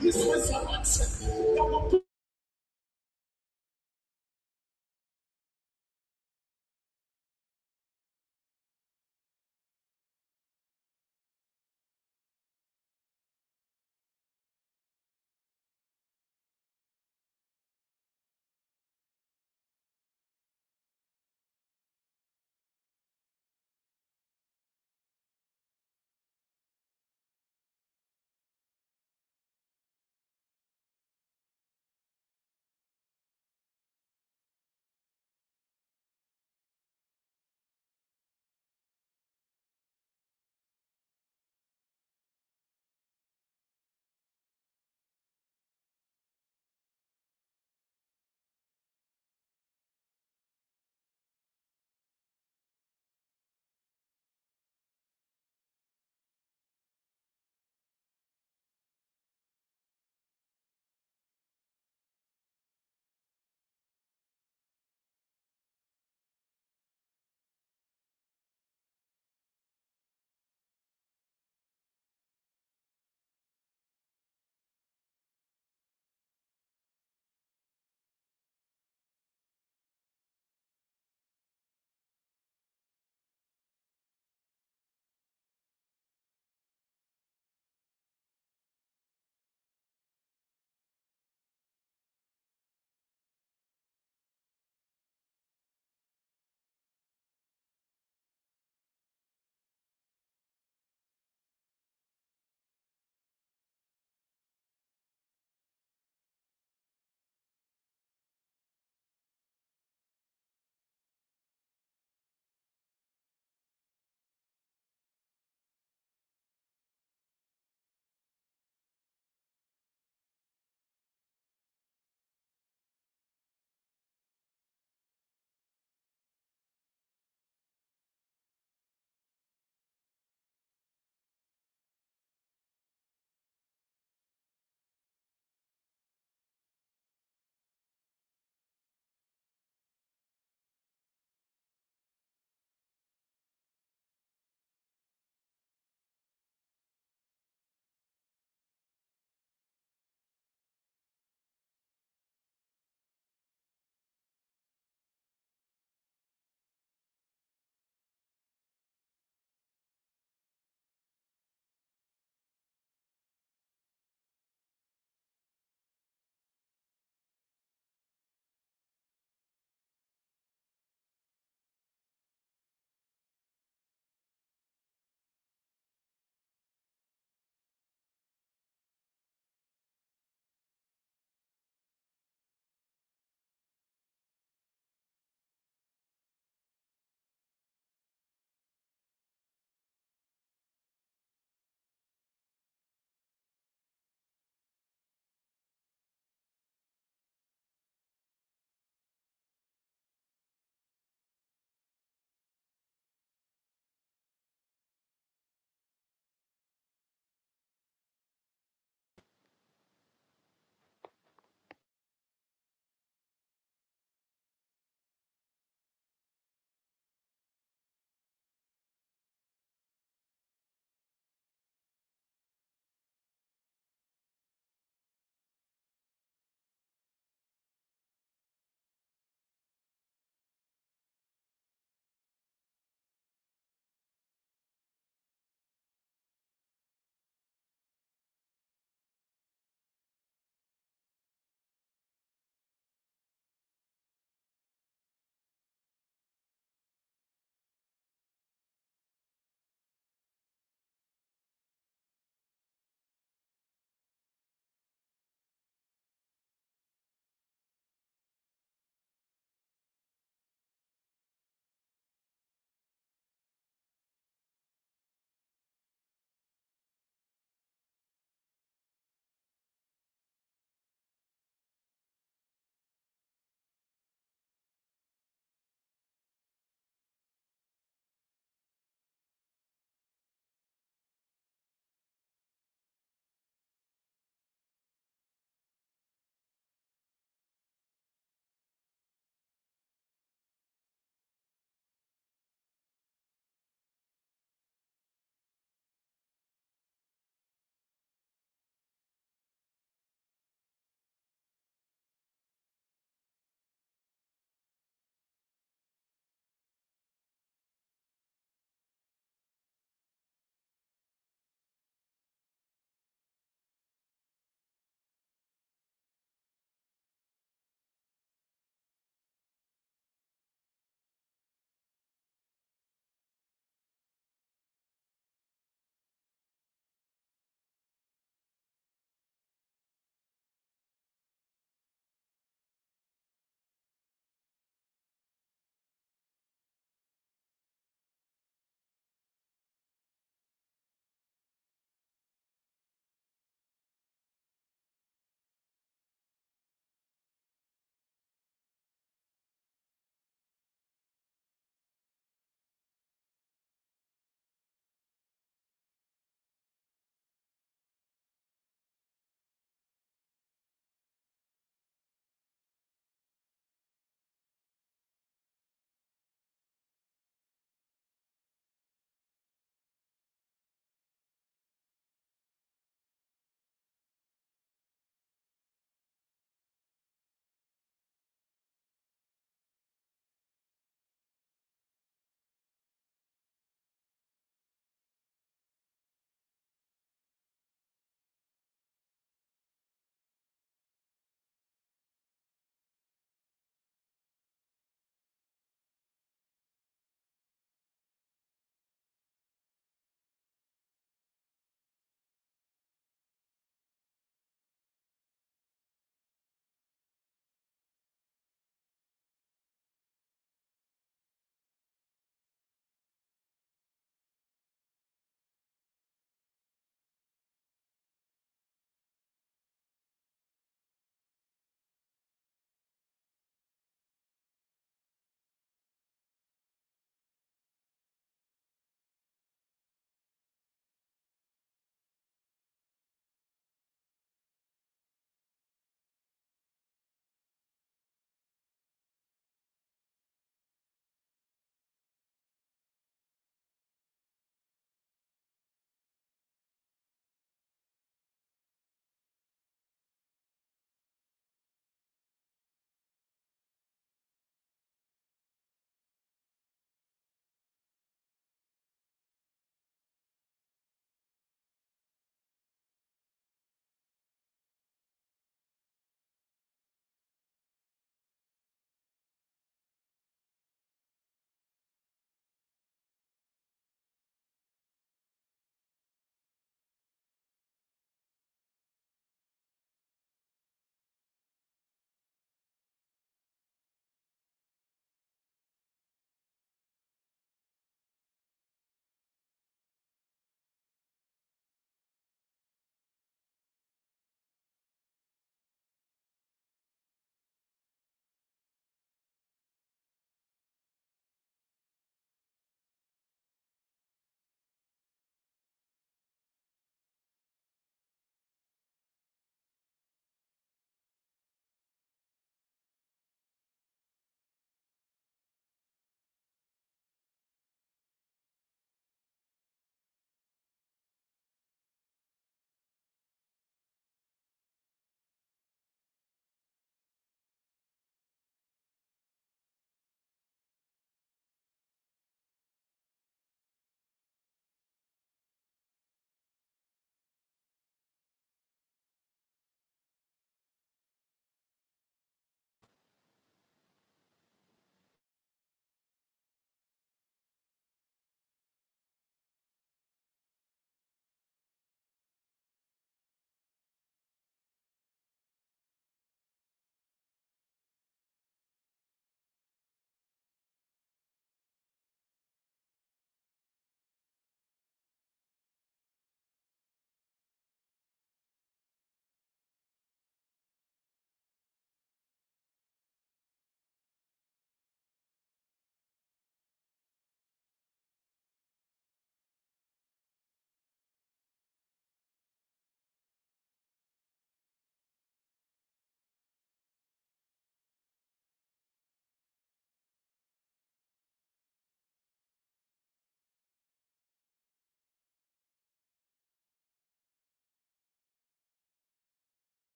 This was an accident.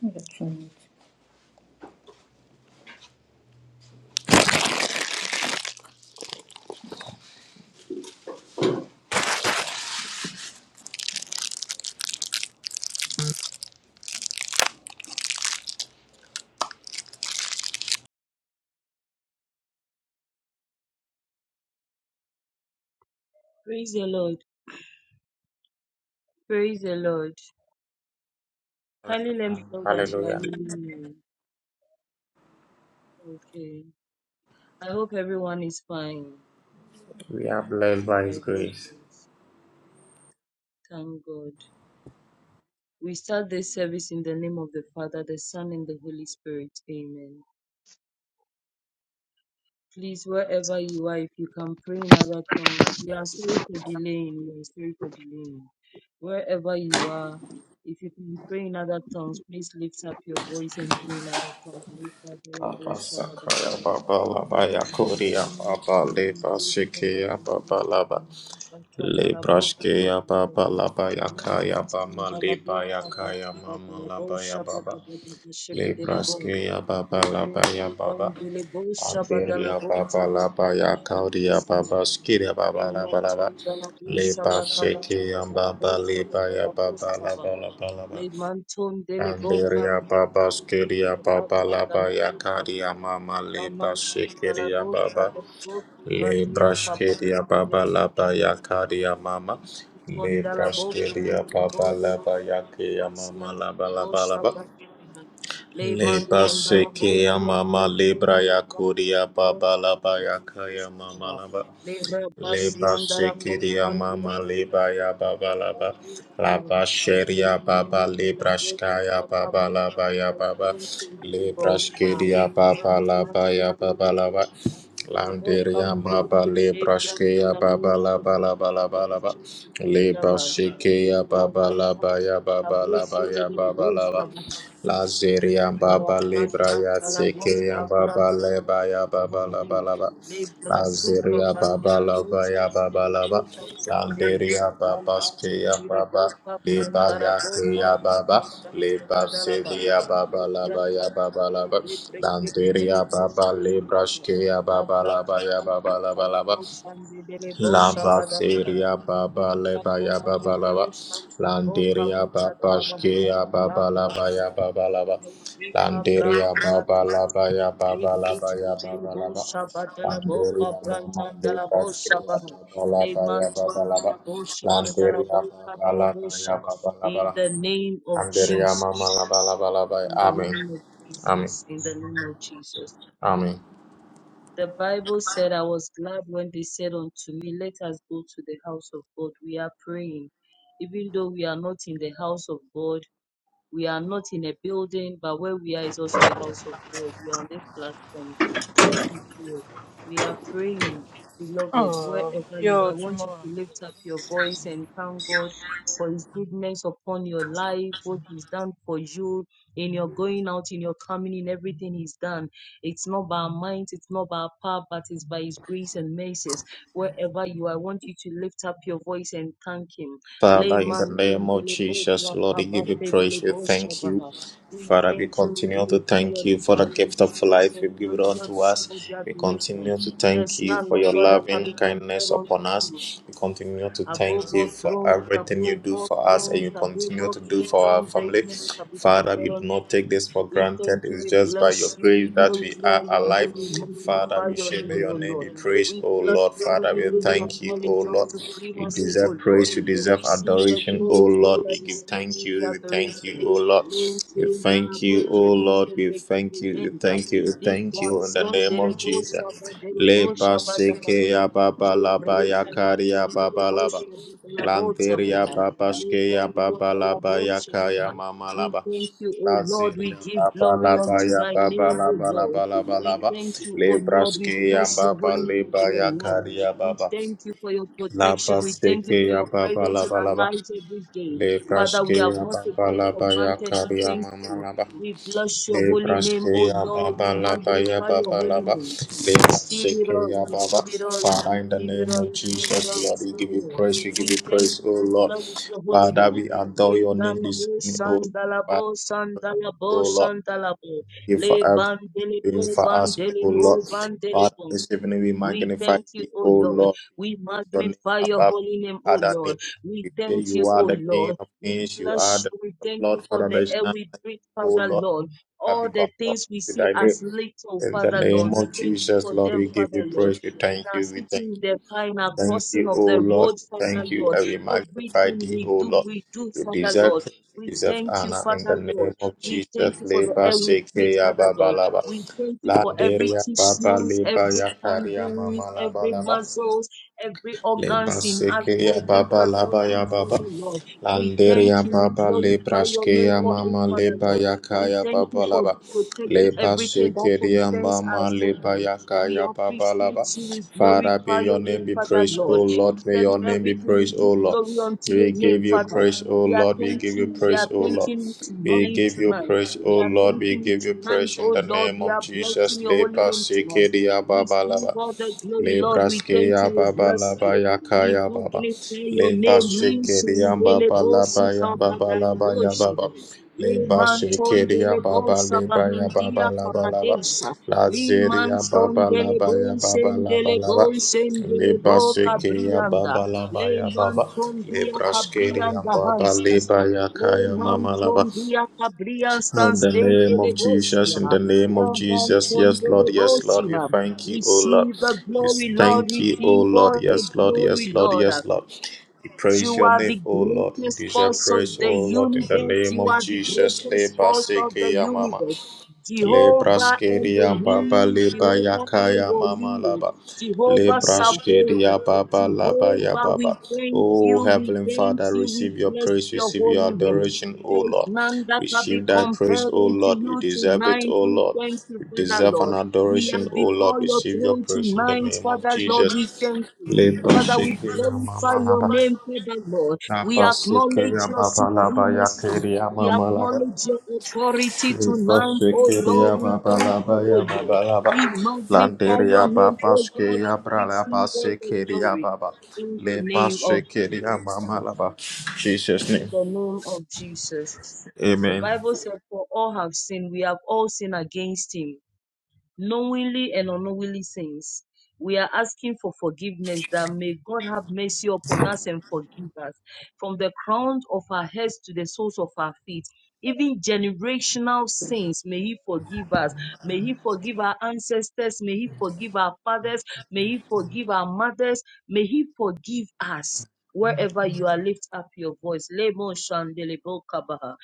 I so much. Praise the Lord. Praise the Lord. Kindly let me know that you are Hallelujah. leaving me. Okay. I hope everyone is fine We are blessed by His by God's grace. grace. Thank God. We start this service in the name of the Father, the Son, and the Holy Spirit. Amen. Please, wherever you are, if you can pray in other tongues, we are sorry for delaying. We are sorry for delaying. Wherever you are, if you can pray in other tongues, please lift up your voice and pray in other tongues. Abba Sakaya Baba Laba Yakoria Shabbat Baba Leba Shikaya Baba Laba Lebrashkeya Baba Laba Yakaya Bama Leba Yakaya Mama Laba Yababa Lebrashkeya Baba Laba Yababa Anderia Baba Laba Yakauria Baba Skiria Baba Laba Leimanti Laba dalabusa Leba bakabati Shikaya Baba badalabusa Leba Yababa badalabusa Laba bana. Laba Laba Leimanton deleboka Anderia Baba biyandi Skiria Baba batan Laba dalabusa bana. Yakaria Mama Leba Lamantin Shikiria dalabusa Baba dalabusa badia kabana Lebrashkiria Baba biyandi Laba bana. Yakaria Mama Leimanton dalabusa Lebrashkiria Baba delebori Laba Yakia Mama basiyan Laba Laba bosa Laba bana. Leba Leimanton Shikia dalabusa Mama Libra deleboka Yakuria Baba Laba biyandi Yakaya bana. Mama Laba Libra Leba Basion Darabo sekiria mama Patrion leba ya baba laba laba sheria baba lebrashka ya baba laba ya baba lebrashkeria baba laba ya baba laba landeria baba lebrashke ya baba laba laba laba laba leba sheke ya baba laba ya baba laba ya baba laba Libra Lazeria baba lebra ya seke Brasantalabosa ya baba Brasantala leba ya baba Bahande, laba laba Le Brasuka Lazeria Baba Bandeli Lava Bosa Ya Baba Bandeli Lava Bosa Bahande, Landeria Baba Skeya Lamantundele Baba Bosa Leba Brandara Bosa Yakeya Bra Baba Bra Branta Leba Badalaba, Sevia Le Baba Lava Braka Ya Baba Bandeli Lava Le Breke Bedele Landeria Bosa Baba Lebra Badalaba, Skeya La Baba Braka Lava Ya Baba Lava Bandela Lava Bosa Bedele Bosa Lamba Badalaba, Seria Le Baba Leba Brako Yaba Badala Balaba Bosa Boka Landeria Bita Baba Shkea Baba Laba Badalaba, Yaba Balaba Belabuka Landeria Braku Baba Batani. Laba Yaba Balaba Lemantum Yaba Delabo Balaba Shaba Delaboka Landeria Mama Dalabo Leba Shkea Shabaha. Baba Laba Yaba Lemantum Balaba Dalabo Shaba Landeria Dalaboka Baba Laba Yaba In Balaba the name of Landeria Mama Jesus. Laba Laba Laba In the Amen name of Amen Jesus. In the name of Jesus. Amen The Bible said, I was glad when they said unto me, Let us go to the house of God. We are praying. Even though we are not in the house of God, we are not in a building, but where we are is also a house of God. We are on this platform. God is here. We are praying, beloved, Oh, wherever you are. yo, I want you tomorrow. to lift up your voice and thank God for His goodness upon your life, what He's done for you in your going out, in your coming, in everything He's done. It's not by our minds, it's not by our power, but it's by His grace and mercies. Wherever you are, I want you to lift up your voice and thank Him. Le Father, in the name of mantendele bodra Jesus, Lord, we give you kapate dele praise. We thank you. boshabaha. We Father, we thank you, we continue to glorify your thank you name, for the Father. We gift of receive all life the you've given glory, Lord, unto receive all us. the We adoration. continue to thank There's you none, for no your Lord, that can loving be compared kindness upon unto you us. We continue to above thank you all for thrones, everything you above do all for us and thrones, you above continue all to do for our kingdoms, there is family. nothing can be Father, compared we do unto not you. take this for We granted. thank you, It's we just by your bless you, grace we that we glorify are your name, alive. we Father, magnify we your share may name, your O name Lord. be praised, We oh bless Lord. your Father, holy we name, we thank you, oh acknowledge your Lord. You supremacy, O deserve Lord. praise, you deserve Receive the adoration, oh glory, Lord. Father, We give receive thank all the you, we thank you, adoration. oh Lord. We Maintain the thank you, rabate, oh Lord. brete, We brete, thank brete, you, we brete. thank you, we thank Liga, you in the son, name of derebo, Jesus. sabba, derebo, Leba shabba, dabba. seke ya baba laba ya Libreca kari bacon ya de baba laba. bolsa de la bolsa de Lanteria la papaskeya Libreca de la babalaba bolsa de yakaya la We mamalaba. thank you, O Lord. We Laziria give glory babalaba unto ya thy baba name, O laba Lord. laba laba. We laba. thank you, O Lord. We Lebraskeya bless your baba holy name for leba your Lord. yakaria We baba. thank you for your protection. We thank you for Labaskeya your baba presence in laba. our laba. lives every day. Father, we have Lebraskeya not taken it for babalaba granted. We yakaria thank mama you. laba. We bless your holy name, O Lebraskeya Lord. We Baba Labaya magnify your Baba holy Laba name. Receive it all, we Lebraskeya Baba receive it all, we Father in the receive it name all, we of receive it all, Jesus we Lord we receive give it you all. praise we give We you thank praise oh you, we Lord bless your holy Father name. we adore your name this Indalabo, evening oh Lord Father sandalabo, we praise you, sandalabo, oh Lord sandalabo. Thank you for Le everything you're doing bandelebo, for us oh Lord bandelebo, Father bandelebo. this evening we We magnify thank you, thee O oh Lord. Lord We your name magnify your above holy name, every O other Lord. name We we say thank you you, are O the King Lord. of We Kings you are bless the you. We thank Lord you of for the Lords air Father we breathe, O Father Lord, Lord. that All the become known things we unto see thy as name. little, In the Father Lord. name We of thank you Jesus, for Lord, them, we give you Father Lord. praise. We In thank our you. We sitting, thank in you. the car, in our Thank crossing you, of O the Lord. road, Father Thank you. Lord. I will magnify Everything thee, we O do, Lord. we do, You Father deserve Lord. praise. You We deserve thank you, honor. In Father the Lord. name of We Jesus, thank you for the Leba air we breathe, Sekeya Father Lord. Babalaba. We thank you La for every Deria Baba tissues, every Leba and Yakaria bones, Mama Laba, every Laba. muscles, every organs in us Lebasekeya working baba labaya perfectly for baba. the Lord. We Landeria thank you. We baba glorify your name lebraskeya for it, mama Father Lord. We lebayakaya thank baba you for laba. protecting everything that Lebasekeya concerns mama us, O Lord. We lebayakaya baba laba. appreciate you. We Father, may glorify your your name name, be Father praised, Lord. O You Lord. May said your in name be everything we praised, give O Lord. glory unto We your name, give you Father. praise, O We are Lord. We thanking give you you. We are praise, O Lord. thanking you We tonight, give you tonight. praise, We O are Lord. We thanking you give you tonight, praise in oh the Lord. name We of are blessing Jesus. your holy Leba name tonight. sekeria baba Receive laba. all the glory, Le Lord. We braske thank ya you. We baba la bless ba you. ya ka We ya baba. magnify your Le name. basse ya Linsun baba la delebosi ba ya baba la ba ya kabadabosha. baba. Le Le basse manton ya baba delebosa le ba ya baba bahindia la ba la ba. kabadesha. La Le zeri ya manton baba la ba ya baba delebosen la ba la ba. delebosen Le delebo basse ya kabrianda. baba la Le ba ya baba. manton Le dia braske ya kabrianda baba le hanstasa. ba ya ka Le ya mama la ba. manton dia kabrianda In stans the name of Jesus, dendelegosia. in the name of Le Jesus, manton yes, Lord, yes, Lord, we delebosia. thank you, O Lord. Receive the We glory, Lord. thank you, O Receive Lord, all the yes, Lord, yes, glory, Lord, Lord. yes, Lord. We praise You your are name, the O Lord. We greatest deserve force of praise, the O Lord, in the universe. name You of are the Jesus. greatest Leba force of the seke ya mama. universe. Jehovah Lebraskeria Baba Elohim, Leba Jehovah Yakaya Mama Elohim, Laba. Jehovah Sabaoth, Lebraskeria Baba Laba Ya Jehovah, we Baba. thank Oh you, we Heavenly thank Father, you, we receive your bless praise, your receive your holy name. adoration, O There is Lord. none that can be Receive thy praise, compared O unto Lord. You you deserve it, tonight. O We Lord. thank you, You Father deserve an Lord. We are adoration, O Lord. before your Receive your throne praise in the tonight, name of Father Lord. We Jesus. thank you. Father, we Lebraskeria glorify Mama your Laba. name, Father Lord. We acknowledge Lebraskeria your Baba Laba supremacy. Yakaria We Mama Laba. acknowledge your authority tonight, oh Lord. Ipaşkekeria We thank you, babalaba oh ya Lord. babalaba. We magnify your Landeria name, oh Lord. babaşkeya bralaba Receive all the sekeria glory baba. in the Le name of bashekeria Jesus. Mama, mamalaba. Jesus name. In the name of Jesus. The Amen. Bible said, For all have sinned, we have all sinned against him knowingly and unknowingly sins. We are asking for forgiveness that may God have mercy upon us and forgive us from the crown of our heads to the soles of our feet. Even generational sins, may He forgive us. May He forgive our ancestors. May He forgive our fathers. May He forgive our mothers. May He forgive us. Wherever you are, lift up your voice. Lemo shandelebo kabaha.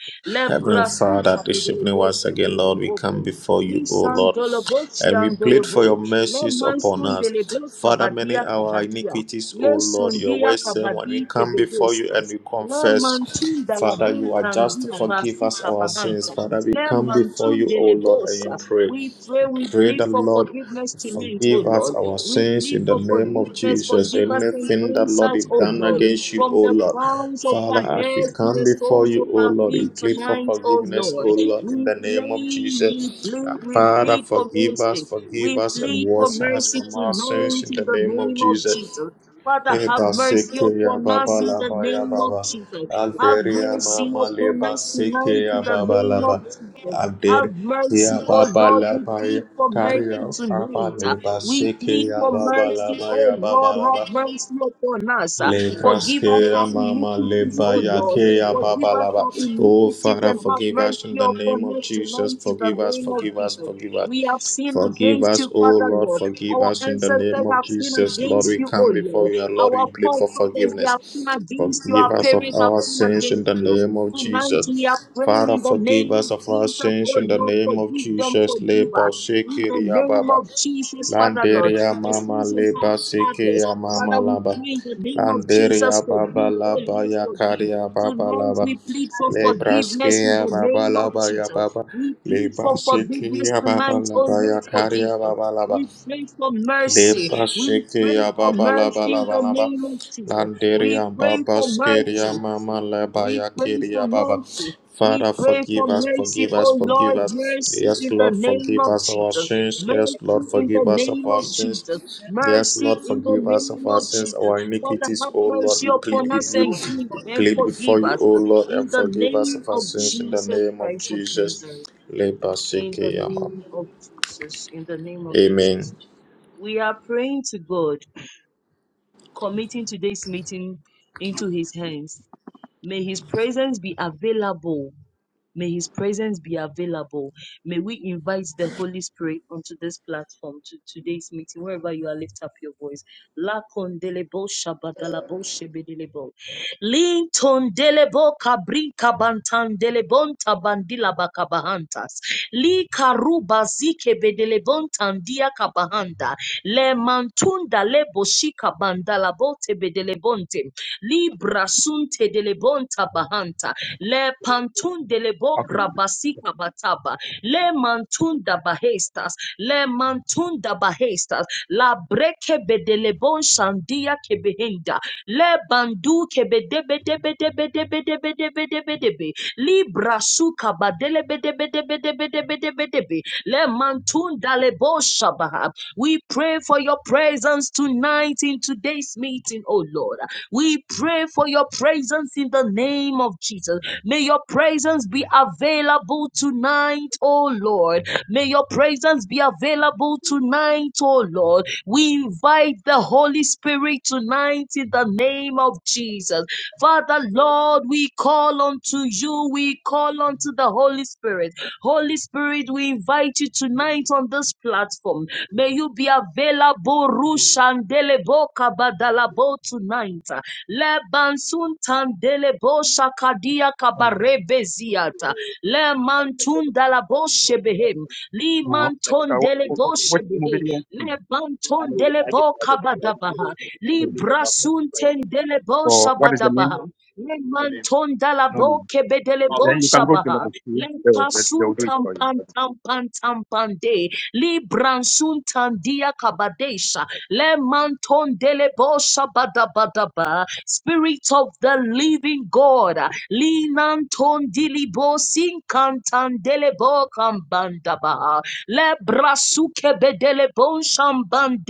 Heavenly Lebra Father, suta this evening bedelebo once again, Lord, we sebedelebo come bre. before you, O Lisan Lord, dolobos and we yan plead dolobo. for your Le mercies upon mansun us. delebos Father, many kabadia our kabadia. iniquities, O Le Lord, your sundia word says when kabadi we come before you and tebedestas. we Le confess, mantun Father, dalabun you are just to kandila forgive basi us our sins. kabahanta. Father, we Le come before mantun you, O Lord, and delebosa. we pray. We pray, we Pray plead the for Lord forgiveness tonight, O forgive us Lord. our We sins plead in the for name of forgiveness, Jesus. forgive us and Anything that cleanse Lord us, is O done Lord. against you, From O the Lord. crowns of Father, our as we heads to come the before soles you, of O our Lord, we feet plead for tonight, O forgiveness, Lord. O Lord, in We the name of plead, we Jesus. Uh, plead, we Father, plead for forgive us, mercy. forgive We us, and plead for wash us mercy from our sins tonight in in the the name of name of Jesus. Jesus. Father, have Eba mercy seke ya upon us baba in la the ba ya name of baba. Jesus. Have Alderia mercy mama le upon ba us tonight seke ya in the baba la name ba. of Jesus. Have Alder mercy, ya oh baba Lord, la we ba ya. plead for Kari ya mercy baba le tonight. ba We seke plead ya for baba la mercy, ba oh ya baba Lord, la have ba. mercy upon us. Forgive us Lebraskea our mama iniquities, oh Lord. lebayakea Forgive us babalaba. our Oh iniquities Father, and have forgive us in mercy the name upon of us Jesus. tonight in the Forgive us, name of forgive us, Jesus. forgive us. We have sinned Forgive against us, you, oh Father Lord, Lord. forgive Our us in the name ancestors of have sinned Jesus. Lord, against we you, O come before Lord. you, and Lord, we Our plead for forefathers, they have sinned forgiveness. against you. Our Forgive us of parents have our sinned sins in against the you. name of Tonight we are Jesus. praying Father, in the forgive name us of of our Jesus, sins oh in the Lord, name of forgive them, Jesus. forgive us. In the name Lebashekiriababa. of Jesus, Father Lord, Landeria the mama sins of our leba seke fathers. ya mama Father, we laba. pray in the name of Jesus, Landeria baba forgive, oh laba Lord, ya forgive. karia baba Tonight laba. we plead for forgiveness Lebraske in ya the baba name of laba ya Jesus. baba. We plead Leba for seke forgiveness ya baba tonight. Oh laba Lord, ya forgive karia us. baba laba. We pray for mercy. Lepa We pray shekeya for baba la ba mercy la in ba the la ba. name of Jesus. We Landeria pray baba for skeria mercy. mama leba We ya pray for keria baba. mercy. We Father, pray for forgive us, mercy, forgive us, oh forgive Lord, us. mercy Yes, in the Lord, name forgive of us our Jesus. sins. Yes, Lord, Mercy in the forgive us of name our of sins. Jesus. Yes, Mercy Lord, in the forgive us name of our of sins, Jesus. our Father, iniquities, have O Lord. mercy We upon plead with us you, and give we and plead before forgive you, us. O Lord, In and the forgive us name of our of sins in the Jesus name of Christ of Jesus. Nazareth. Leba In the shekeya mama. name of Jesus. In the name of Jesus. Amen. We are praying to God, committing today's meeting into his hands. May his presence be available. May his presence be available. May we invite the Holy Spirit onto this platform to today's meeting, wherever you are, lift up your voice. La condelebo shabagalabo shebedelebo. Linton delebo kabrin kabantan tabandila bakabahantas. Li karuba zike bedelebon tandia kabahanda. Le mantunda lebo shika bandala bote libra sunte delebonta bahanta le pantun delebo Okay. grabasika bataba le mantunda bahestas le mantunda bahestas la breke bedelebon shandia kebehinda le bandu kebedebedebedebedebedebedebedebe libra suka badelebedebedebedebedebedebe le mantunda lebo shabaha we pray for your presence tonight in today's meeting oh lord we pray for your presence in the name of Jesus. May your presence be available tonight, oh Lord. May your presence be available tonight, oh Lord. We invite the Holy Spirit tonight in the name of Jesus. Father, Lord, we call unto you. We call unto the Holy Spirit. Holy Spirit, we invite you tonight on this platform. May you be available, Rushandelebo Kabadalabo tonight. Lebansun Tandelebo Shakadia Um, Kabarebe Ziata. Le Mantun Dalabo Shebehem. Li No. Like, Manton Uh, wh- wh- Delebo wh- which movie Shebehe. do you want to see? Le I I Banton know you. I get Delebo the other. right after Kabadabaha. Li the Brasun Tendelebo So what is the name? Shabadabaha. Le No name. manton No dalabo name. kebedele Oh. Then bon you can go to shabaha. level Le two. They will, they they pasun will do it tam for you. pan tam pan tam pan de. Libransuntandia kabadesha. Le mantondele bosha badabadaba. Spirit of the living God. Linantondilibo sinkantandelebo kambandaba. Le brasuke bedele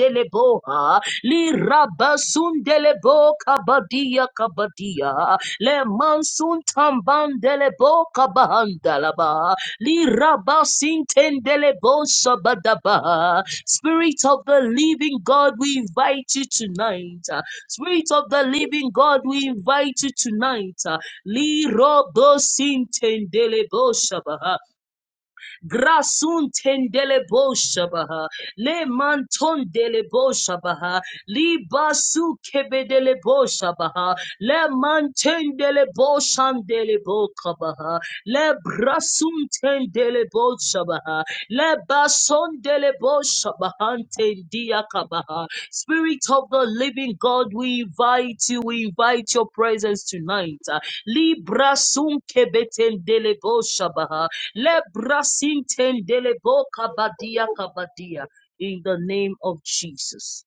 deleboha, li rabasun delebo kabadia kabadia, le mansun tamban delebo kabahandalaba, li rabasin tendelebo sabadaba. Spirit of the living God, we invite you tonight. Spirit of the living God, we invite you tonight. Li robosin tendelebo shabaha. Grasun tendele boshabaha. Le manton dele boshabaha. Li basu kebedele boshabaha. Le manten dele boshan dele bokabaha. Le brasum tendele boshabaha. Le bason dele boshabahan tendia Spirit of the living God, we invite you. We invite your presence tonight. Libra sun kebeten delebo shabaha. Le brasintendele bo kabadia kabadia. In the name of Jesus.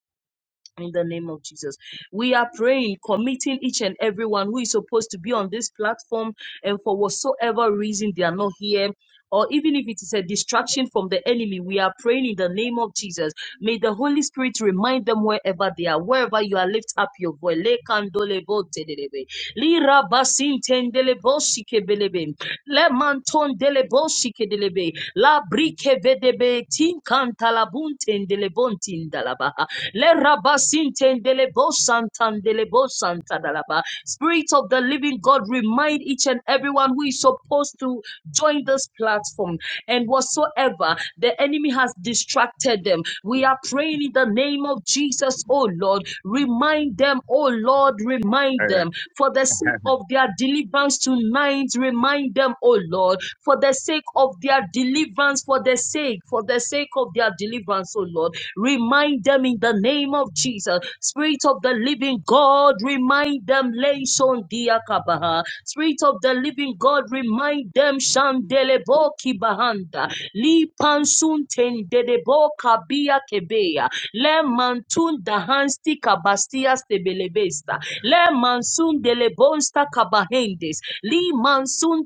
In the name of Jesus. We are praying, committing each and everyone who is supposed to be on this platform and for whatsoever reason they are not here or even if it is a distraction from the enemy, we are praying in the name of Jesus. May the Holy Spirit remind them wherever they are, wherever you are, lift up your voice. Lekandolebotelebe. Lirabasintendeleboshikelebe. Lemantondeleboshikelebe. Labrikevedebe. Tinkantalabuntendelebontindalaba. Lerabasintendelebosantandelebosantadalaba. Spirit of the living God, remind each and everyone who is supposed to join this platform and whatsoever the enemy has distracted them. We are praying in the name of Jesus, oh Lord. Remind them, oh Lord, remind Uh, them for the sake of their deliverance tonight. Remind them, oh Lord, for the sake of their deliverance, for the sake, for the sake of their deliverance, oh Lord. Remind them in the name of Jesus. Spirit of the living God, remind them. Leison diakabaha. Spirit of the living God, remind them. Shandeleboki bahanda. Lipansun tendedeboka bia kebea. Le mantun dahansti kabastias tebelebesta. Le mansun delebonsta kabahendes. Li mansun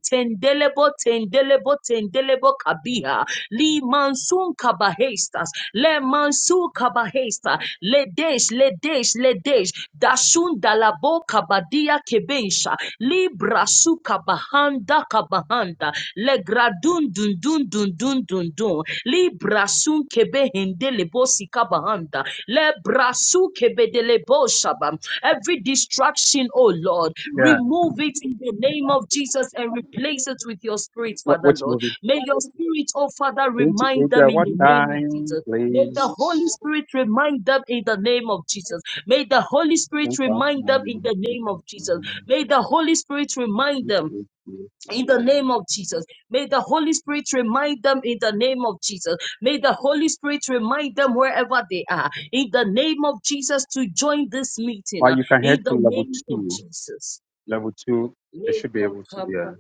delebo tendelebo tendelebo kabiha li mansun kabahestas le mansu kabahesta le desh le desh le desh dashun dalabo kabadia kebensha li brasu kabahanda kabahanda le gradun dun dun dun dun dun dun li brasun kebehende lebo sikabahanda le brasu kebedelebo shabam every distraction oh lord yeah. Remove it in the name of Jesus and replace it with your spirit, What, Father which Lord. movie? May your spirit, oh Father, Twenty remind eight. them Uh, in what the name of time, Jesus. May the please? Holy Spirit remind them in the name of Jesus. May the Holy Spirit Ten past remind them in nine. the Ten name past of Jesus. nine. May the Holy Spirit remind Twenty them eight. twenty in eight, the uh, name of Jesus. May the Holy Spirit remind them in the name of Jesus. May the Holy Spirit remind them wherever they are in the name of Jesus to join this meeting Well, uh, you can in head the to level name of two. Jesus. Level two, they Please, should be able to. Yeah.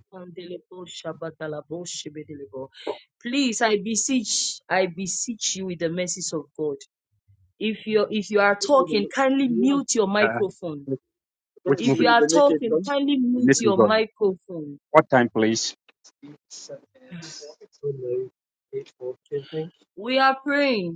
I beseech, I beseech you with the mercies of God. If you if you are talking, kindly mute your Yeah. microphone. Which If you movie? are the naked talking, gun. kindly The mute Naked your Gun. microphone. What time, please? It's uh, it's so late, eight forty, I think. We are praying.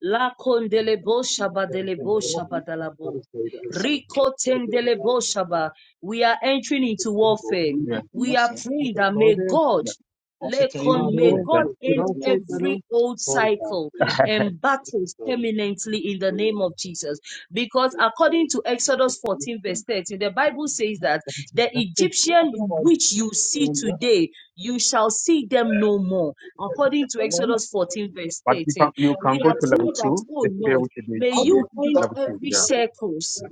La condelebo shaba Yeah. I think delebo they're shaba open. That dalabo. is late, I said, but Rico in the building, that tendelebo is shaba. We are entering into in the warfare. building. yeah. And We that's are it. I think praying I that saw may there. God Yeah. Off the table. Ah, Lekon, may no, God Okay. you end don't take that every off. old Sort it out. cycle and It's battles the time, permanently in the uh, name of Jesus. Because according to Exodus it's 14, verse going back. 13, the Bible says that That's it. the That's it. Well, I don't know Egyptian why you which you see don't do that. today, you shall see them no more. According to Exodus 14, verse But you 13. can you can We go are to level praying that, two. oh Let's play Lord, with the nature. may you Yeah. end Level two. every yeah. circles.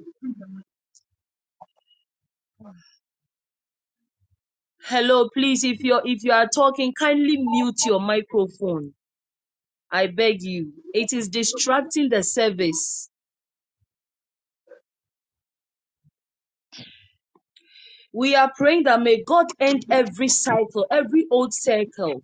Hello, please, if you're if you are talking, kindly mute your microphone. I beg you. It is distracting the service. We are praying that may God end every cycle, every old cycle.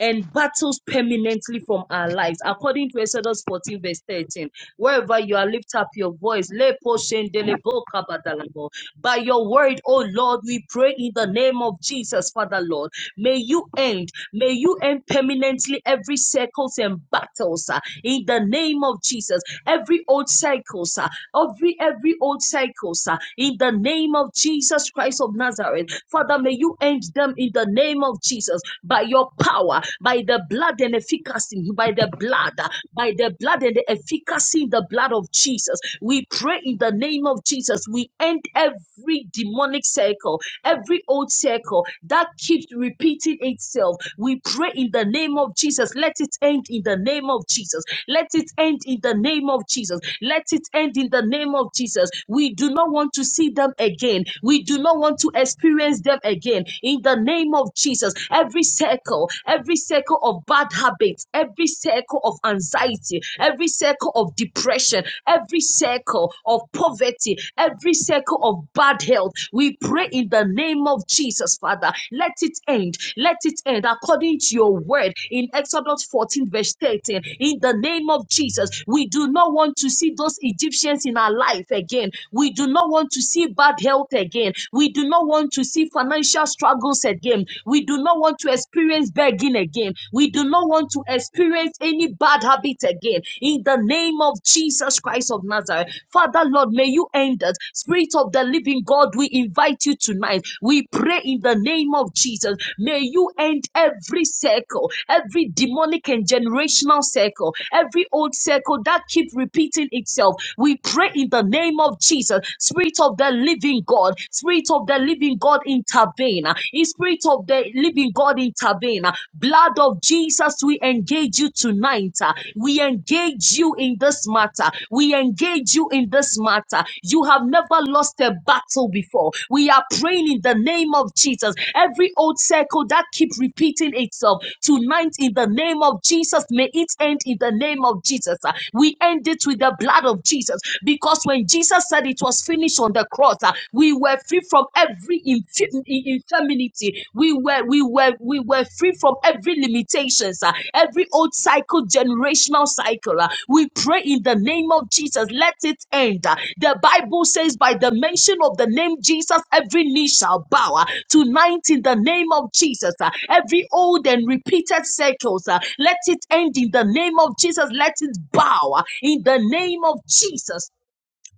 and battles permanently from our lives. According to Exodus 14, verse 13, wherever you are, lift up your voice. Lepo shendele bo kabadalabo. By your word, O Lord, we pray in the name of Jesus, Father Lord. May you end May you end permanently every circles and battles uh, in the name of Jesus. Every old cycles, uh, every every old cycles uh, in the name of Jesus Christ of Nazareth. Father, may you end them in the name of Jesus by your power, by the blood and efficacy, by the blood, uh, by the blood and the efficacy in the blood of Jesus. We pray in the name of Jesus. We end every demonic cycle circle, every old circle that keeps repeating itself. We pray in the name of Jesus. Let it end in the name of Jesus. Let it end in the name of Jesus. Let it end in the name of Jesus. We do not want to see them again. We do not want to experience them again. In the name of Jesus, every circle, every circle of bad habits, every circle of anxiety, every circle of depression, every circle of poverty, every circle of bad health. We pray in the name of Jesus, Father. Let it end. Let it end according to your word in Exodus 14, verse 13. In the name of Jesus, we do not want to see those Egyptians in our life again. We do not want to see bad health again. We do not want to see financial struggles again. We do not want to experience begging again. We do not want to experience any bad other again. In the name of Jesus Christ of Nazareth. Father, Lord, may you end it. Spirit of the living God, we invite you tonight. We pray in the name of Jesus. May you end every circle, every demonic and generational circle, every old circle that keeps repeating itself. We pray in the name of Jesus. Spirit of the living God, Spirit of the living God, intervene. In Spirit of the living God, intervene intervene. Uh, Blood of Jesus, we engage you tonight. Uh, We engage you in this matter. We engage you in this matter. You have never lost a battle before. We are praying in the name of Jesus. Every old circle that keep repeating itself tonight in the name of Jesus, may it end in the name of Jesus. Uh, We end it with the blood of Jesus because when Jesus said it was finished on the cross, uh, we were free from from every infi- infirmity. We were we were we were free from every limitations, ah, every old cycle, generational cycle. ah. We pray in the name of Jesus. Let it end. ah. The Bible says, by the mention of the name Jesus, every knee shall bow. ah. Tonight, in the name of Jesus, ah, every old and repeated cycles, ah, let it end in the name of Jesus. Let it bow ah, in the name of Jesus.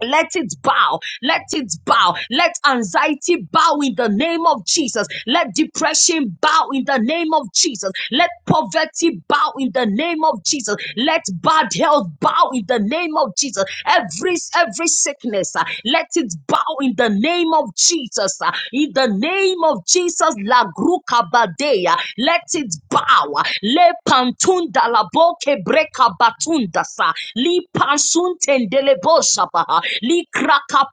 Let it bow. Let it bow. Let anxiety bow in the name of Jesus. Let depression bow in the name of Jesus. Let poverty bow in the name of Jesus. Let bad health bow in the name of Jesus. Every every sickness, ah, let it bow in the name of Jesus. ah. In the name of Jesus, la grukabadea. Let it bow. ah. Le pantunda la boke breka batunda sa. Li li pasunte dele baha, li kraka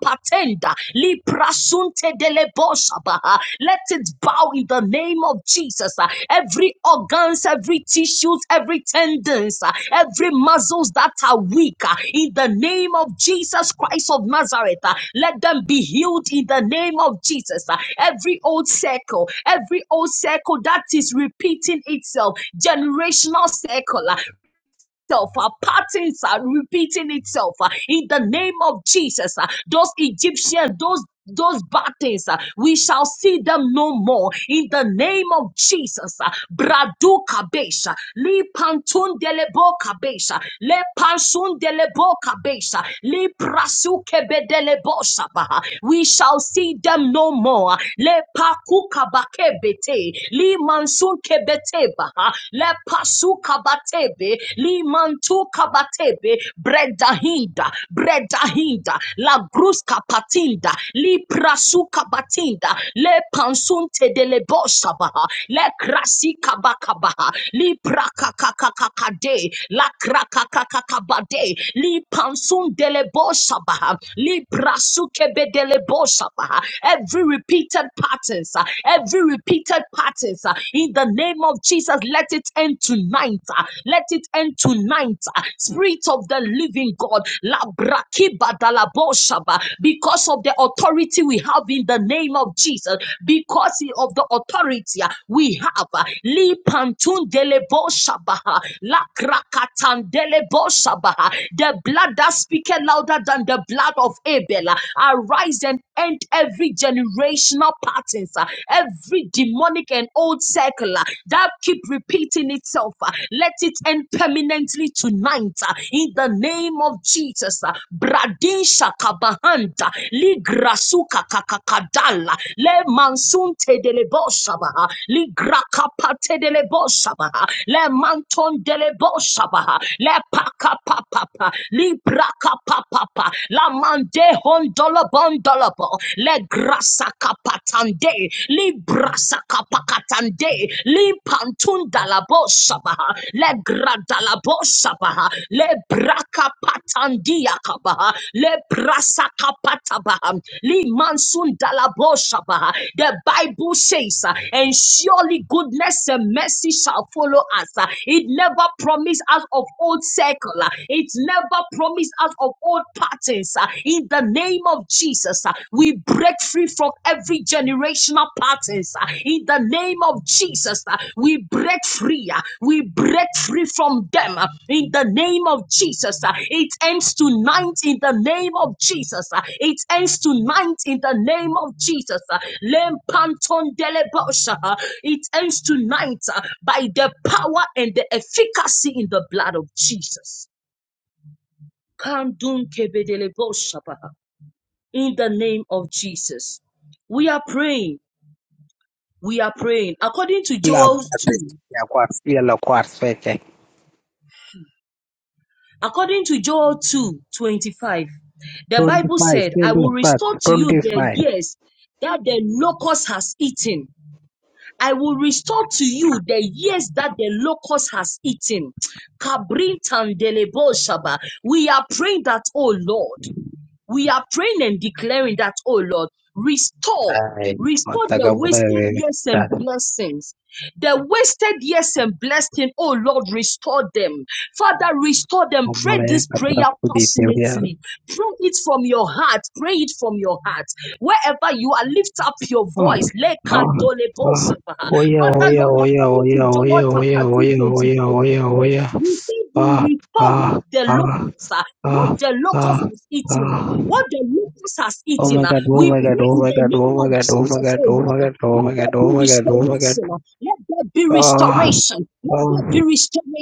li prasunte dele baha. Let it bow in the name of Jesus. ah. Every organs, every tissues, every tendons, ah, every muscles that are weak, ah, in the name of Jesus Christ of Nazareth, ah, let them be healed in the name of Jesus. ah. Every old circle, every old circle that is repeating itself, generational circle, ah, itself. Our patterns are repeating itself uh, in the name of Jesus. uh, Those Egyptians, those those bad things, uh, we shall see them no more in the name of Jesus. uh, Bradu kabesha, li pantun delebo kabesha, le pansun delebo kabesha, li prasu kebe delebo shabaha. We shall see them no more. Le paku kabakebete, li mansun kebete baha, Lepasuka batebe, limantuka batebe, bredahinda, bredahinda, la gruska patinda, liprasuka batinda, le pansunte de le bosabaha, le krasika bakabaha, li prakakakakakade, la krakakakakabade, li pansun de le bosabaha, li prasuke be de le bosabaha. Every repeated patterns, uh, every repeated pattern matters. uh, In the name of Jesus, let it end tonight. uh, Let it end tonight. uh, Spirit of the living God, la brakiba da because of the authority we have in the name of Jesus, because of the authority uh, we have. uh, Li pantun de le bo uh, uh, The blood that speaketh louder than the blood of Abel. uh, Arise and end every generational generational patterns, uh, every demonic and old cycle uh, that keep repeating itself, uh, let it end permanently tonight uh, in the name of Jesus. uh, Bradin Shakabahanta, Ligrasuka Kakakadala, Le Mansun Tedeleboshabaha, Ligrakapate Deleboshabaha, Le Manton Deleboshabaha, Le Paka Papa, Libraka Papa, La Mande Hondolabon. Mandalabo, Le Grasa Capatande, Librasa Capacatande, Limpantundalabo Sabaha, Le Gradalabo Sabaha, Le braka Patandia Cabaha, Le Brasa Capatabaha, Limansundalabo Sabaha. The Bible says, uh, and surely goodness and mercy shall follow us. Uh, It never promised us of old circle. Uh, It never promised us of old patterns uh, in the name of Jesus. uh, We break free from every generational patterns uh, in the name of Jesus. uh, We break free. uh, We break free from them uh, in the name of Jesus. uh, It ends tonight in the name of Jesus. uh, It ends tonight in the name of Jesus. uh, Lem Panton Delebosha. uh, It ends tonight uh, by the power and the efficacy in the blood of Jesus. Kandun kebedele boshabaha. In the name of Jesus. We are praying. We are praying. According to Kila Joel baada 2, ya kuasilia la kuasweke according to Joel 2 25. the 25 Bible said, I will 25 restore to you the 25 years that the locust has eaten. I will restore to you the years that the locust has eaten. Kabrintan delebo shaba. We are praying that, oh Lord. We are praying and declaring that, oh Lord, restore, ay restore the matagabure wasted years da and blessings. The wasted years and blessing, oh Lord, restore them. Father, restore them. Pray omalaya this katra prayer kudi tevya passionately. Pray it from your heart. Pray it from your heart. Wherever you are, lift up your oh voice. oh oh Lekandolebosa. oya Father, oya Lord, oya according oya to John oya oya chapter 2, oya 25, oya oya Father, Lord, oya you see, you ah report what ah the ah locusts are, what ah the ah locust was ah eating, what the locust has Oh my eaten. uh, god, oh We my god, pray oh in my the god, oh name my of god, oh my Jesus, god, oh oh Lord. my uh, god, oh my Let there god, oh be my god, oh my god. restoration. uh, Let there be Ah, restoration. Let there be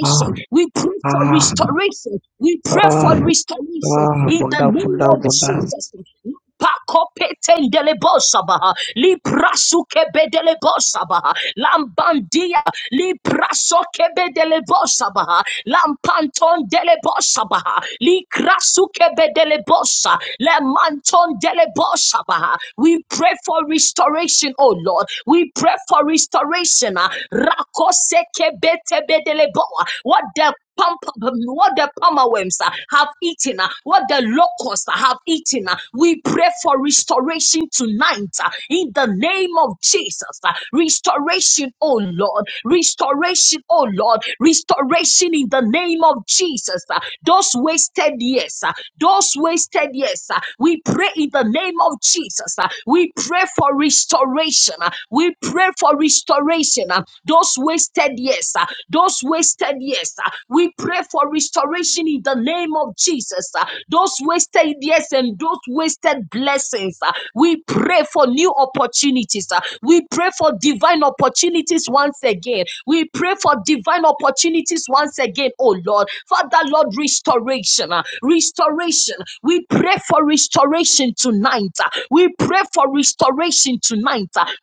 ah, ah, We pray for ah. restoration. We pray for Ah! restoration Ah! in Fold the up! Fold name up! of Fold up! Jesus. Let Pacopetendelebosabaha, Librasukebedelebosabaha, Lambandia, Librasokebedelebosabaha, Lampantondelebosabaha, Likrasukebedelibosa, Lemantondelibosabaha. We pray for restoration, oh Lord. We pray for restoration. ah. Rakosekebetebedeliboa. What the pump, what the palmerworms uh, have eaten, uh, what the locusts uh, have eaten. uh, We pray for restoration tonight uh, in the name of Jesus. uh, Restoration, oh Lord, restoration, oh Lord, restoration in the name of Jesus. uh, Those wasted years, uh, those wasted years, uh, we pray in the name of Jesus. uh, We pray for restoration. uh, We pray for restoration. uh, those wasted years, ah, those wasted years. ah, We pray for restoration in the name of Jesus. ah. Those wasted years and those wasted blessings. ah, We pray for new opportunities. ah. We pray for divine opportunities once again. We pray for divine opportunities once again, oh Lord. Father, Lord, restoration. ah, Restoration. We pray for restoration tonight. ah. We pray for restoration tonight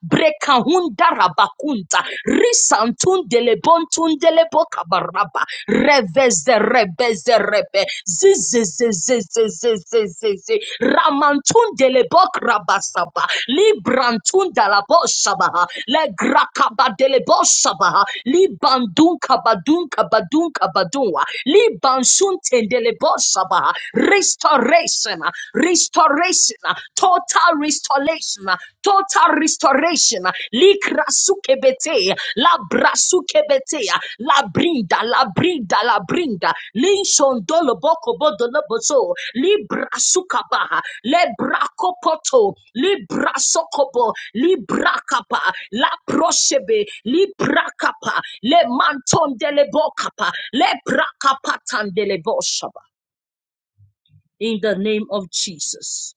Break a hundred of aunta, rise and tune the lebontune the leboka baraba, reverse the reverse the reverse, z z z z z z z z z, ramantune the lebok raba sabah, librantune the labo sabah, legrakaba the lebosa bah, libandunca badunca badunca badunwa, libansunte the lebosa bah, restoration, restoration restoration, uh, total restoration, uh, total restoration. uh, Likrasukebete, la brasukebete, uh, la brinda, la brinda, la brinda, linshondolo boko bodolo bozo, libra sukaba, lebra kopoto, libra sokobo, libra kapa, la proshebe, libra kapa, le mantondele bokapa, le brakapa tandele boshaba. In the name of Jesus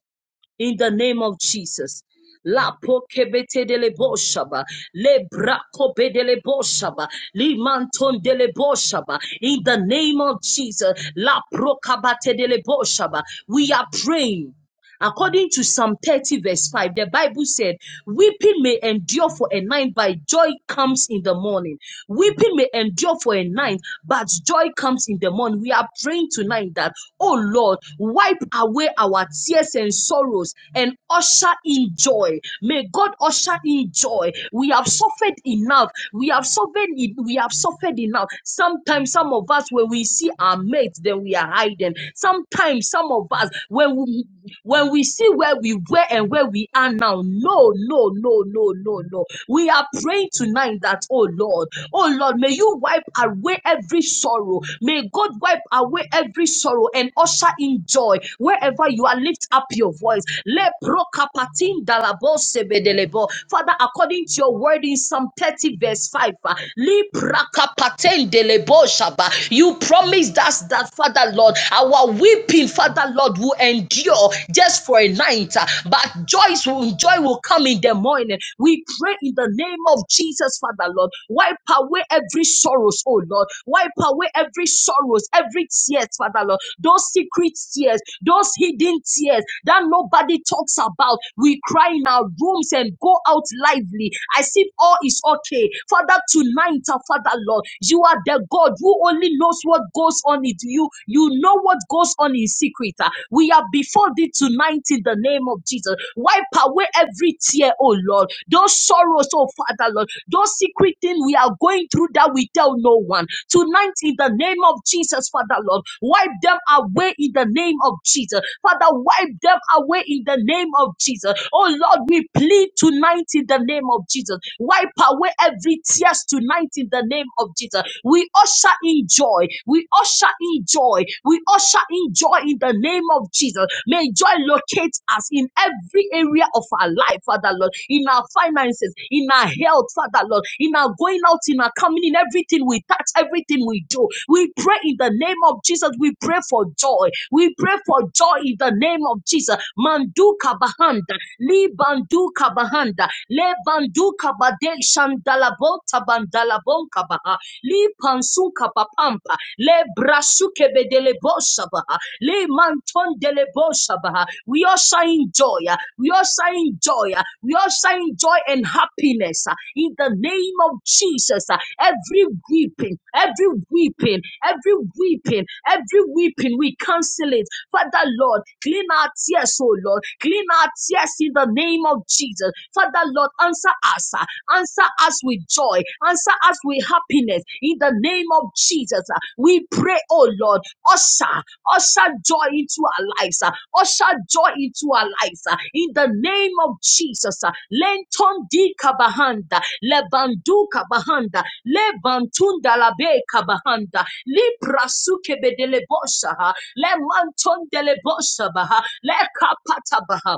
in the name of Jesus. La pokebete de le boshaba, le brakobe de le boshaba, li manton de le boshaba, in the name of Jesus, la prokabate de le boshaba. We are praying According to Psalm 30, verse 5, the Bible said, Weeping may endure for a night, but joy comes in the morning. Weeping may endure for a night, but joy comes in the morning. We are praying tonight that, oh Lord, wipe away our tears and sorrows and usher in joy. May God usher in joy. We have suffered enough. We have suffered, en- we have suffered enough. Sometimes some of us, when we see our mates, then we are hiding. Sometimes shame some of us when we when we see where we were and where we are now no no no no no no we are praying tonight that oh lord oh lord may you wipe away every sorrow may god wipe away every sorrow and usher in joy wherever you are lift up your voice Le prokapatin dalabo sebedelebo. father according to your word in psalm 30 verse 5 ah, li prakapatin delebo shaba. you promised us that that, Father Lord, our weeping, Father Lord, will endure just for a night, uh, but joy, will, joy will come in the morning. We pray in the name of Jesus, Father Lord, wipe away every sorrows, oh Lord, wipe away every sorrows, every tears, Father Lord, those secret tears, those hidden tears that nobody talks about. We cry in our rooms and go out lively as if all is okay. Father, tonight, uh, Father Lord, you are the God. God. You only knows what goes on it. You you know what goes on in secret. ah. We are before thee tonight in the name of Jesus. Wipe away every tear, oh Lord. Those sorrows, oh Father Lord. Those secret things we are going through that we tell no one. Tonight in the name of Jesus, Father Lord. Wipe them away in the name of Jesus. Father, wipe them away in the name of Jesus. Oh Lord, we plead tonight in the name of Jesus. Wipe away every tears tonight tonight in the name of Jesus. We usher in joy. We usher in joy. We usher in joy in the name of Jesus. May joy locate us in every area of our life, Father Lord, in our finances, in our health, Father Lord, in our going out, in our coming in, everything we touch, everything we do. We pray in the name of Jesus. We pray for joy. We pray for joy in the name of Jesus. Mandu kabahanda, libandu kabahanda, lebandu Radeshan dalabota bandalabonka baha. Li pansunka papampa. Le brasuke bedele baha. Le manton dele baha. We also enjoy. uh, We also enjoy. uh, We also enjoy and happiness uh, in the name of Jesus. uh, Every weeping, every weeping, every weeping, every weeping, we cancel it. Father Lord, clean our tears, oh Lord. Clean our tears in the name of Jesus. Jesus. Father, Lord, answer us. uh, Answer us with joy. Answer us with happiness. In the name of Jesus, uh, we pray, oh Lord, usher, usher joy into our lives. uh, Usher joy into our lives. uh, In the name of Jesus, uh, Lenton di kabahanda, lebandu kabahanda, lebantunda labe kabahanda, liprasuke bedele bosha, le manton dele bosha baha, le kapata baha.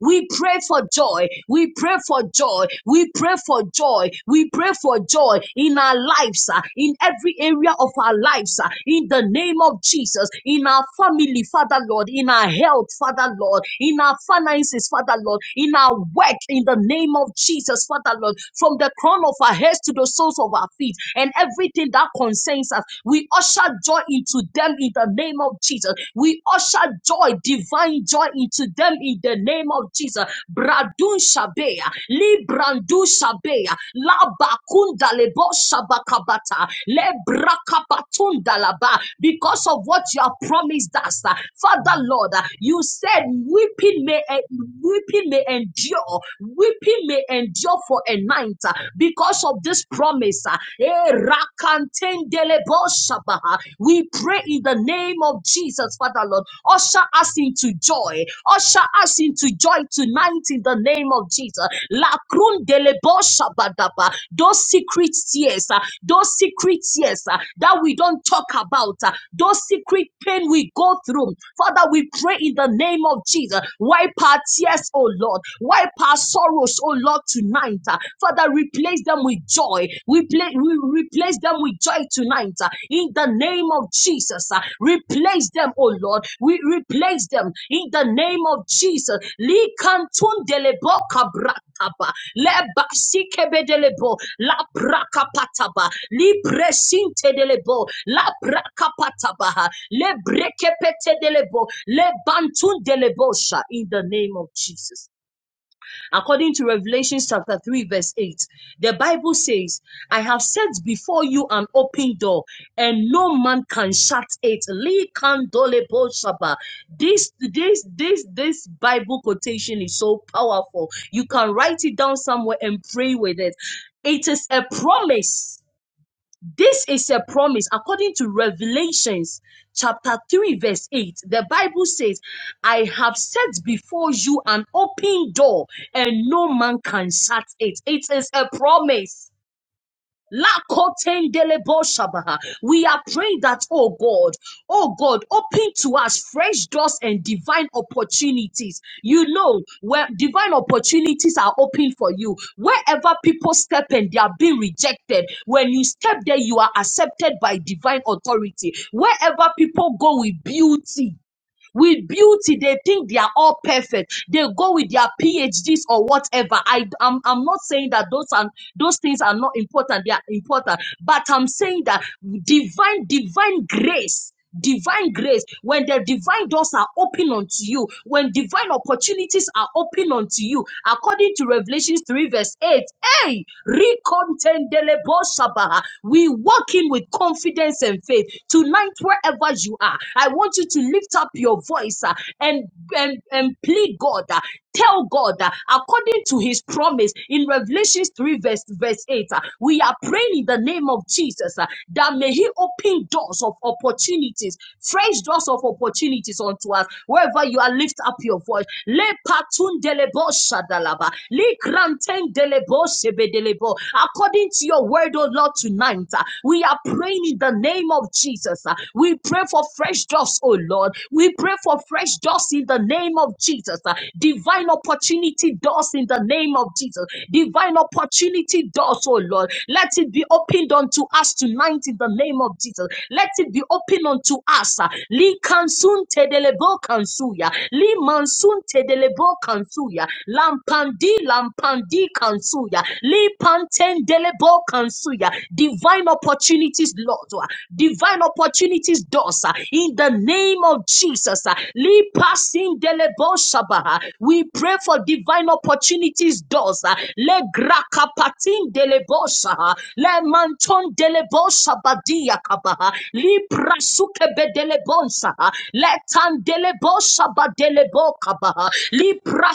We pray for joy. We pray for joy. We pray for joy. We pray for joy in our lives, ah, in every area of our lives, ah, in the name of Jesus, in our family, Father Lord, in our health, Father Lord, in our finances, Father Lord, in our work, in the name of Jesus, Father Lord, from the crown of our heads to the soles of our feet, and everything that concerns us, we usher joy into them in the name of Jesus. We. We usher joy, divine joy into them in the name of Jesus. Bradun Shabea, Librandu Shabea, La Bakunda Lebo Shabakabata, Le Brakabatunda Laba, because of what you have promised us. uh, Father Lord, uh, you said weeping may en- weeping may endure, weeping may endure for a night uh, because of this promise. Uh, we pray in the name of Jesus, Father Lord. Usher us into joy. Usher us into joy tonight in the name of Jesus. La Krundeleboshabadaba. Those secret tears, ah, those secret tears ah, that we don't talk about, ah, those secret pain we go through. Father, we pray in the name of Jesus. Wipe our tears, oh Lord. Wipe our sorrows, oh Lord, tonight. ah. Father, replace them with joy. We play, we replace them with joy tonight uh, in the name of Jesus. uh, Replace them, oh Lord. We replace them in the name of Jesus. Likantundelebo kabrakaba, lebasikebedelebo, labrakapataba, lipresintedelebo, labrakapataba, lebrekepetedelebo, lebantundelebosha, In the name of Jesus. According to Revelation chapter 3, verse 8, the Bible says, I have set before you an open door, and no man can shut it. Lee kandole bo shaba. This this this this Bible quotation is so powerful. You can write it down somewhere and pray with it. It is a promise this is a promise according to Revelations chapter 3, verse 8. The Bible says, I have set before you an open door and no man can shut it. It is a promise. Lakotendeleboshabaha. We are praying that, oh God, oh God, open to us fresh doors and divine opportunities. You know, where divine opportunities are open for you, wherever people step and they are being rejected, when you step there, you are accepted by divine authority. Wherever people go with beauty, with beauty they think they are all perfect they go with their phds or whatever i i'm, I'm not saying that those are those things are not important they are important but i'm saying that divine divine grace divine grace when the divine doors are open unto you when divine opportunities are open unto you according to Revelation 3 verse 8 hey recontendelebo sabaha. we walk in with confidence confidence and faith. Tonight, wherever you are, I want you to lift up your voice ah, and, and, and plead God. ah, tell God uh, according to his promise in Revelation 3 verse, verse 8 uh, we are praying in the name of Jesus uh, that may he open doors of opportunities fresh doors of opportunities unto us wherever you are lift up your voice le patun delebo shadalaba le granten delebo According to your word, oh Lord, tonight, uh, we are praying in the name of Jesus. uh, We pray for fresh doors, oh Lord. We pray for fresh doors in the name of Jesus. uh, Divine opportunity doors in the name of Jesus. Divine opportunity doors, oh Lord. Let it be opened unto us tonight in the name of Jesus. Let it be opened unto us. uh, Li kansun tedelebo kansuya. Li mansun delebo kansuya, lampandi lampandi kansuya, lipanten delebo kansuya. Divine opportunities, Lord, uh, divine opportunities, doors, uh, in the name of Jesus. uh, lipasin delebo shabaha. We pray for divine opportunities, doors. uh, Le grakapatin delebo shaha, le manton delebo shabadia kabaha, li prasuke dele bonsa Letan dele bosa ba dele boka ba ha. Lipra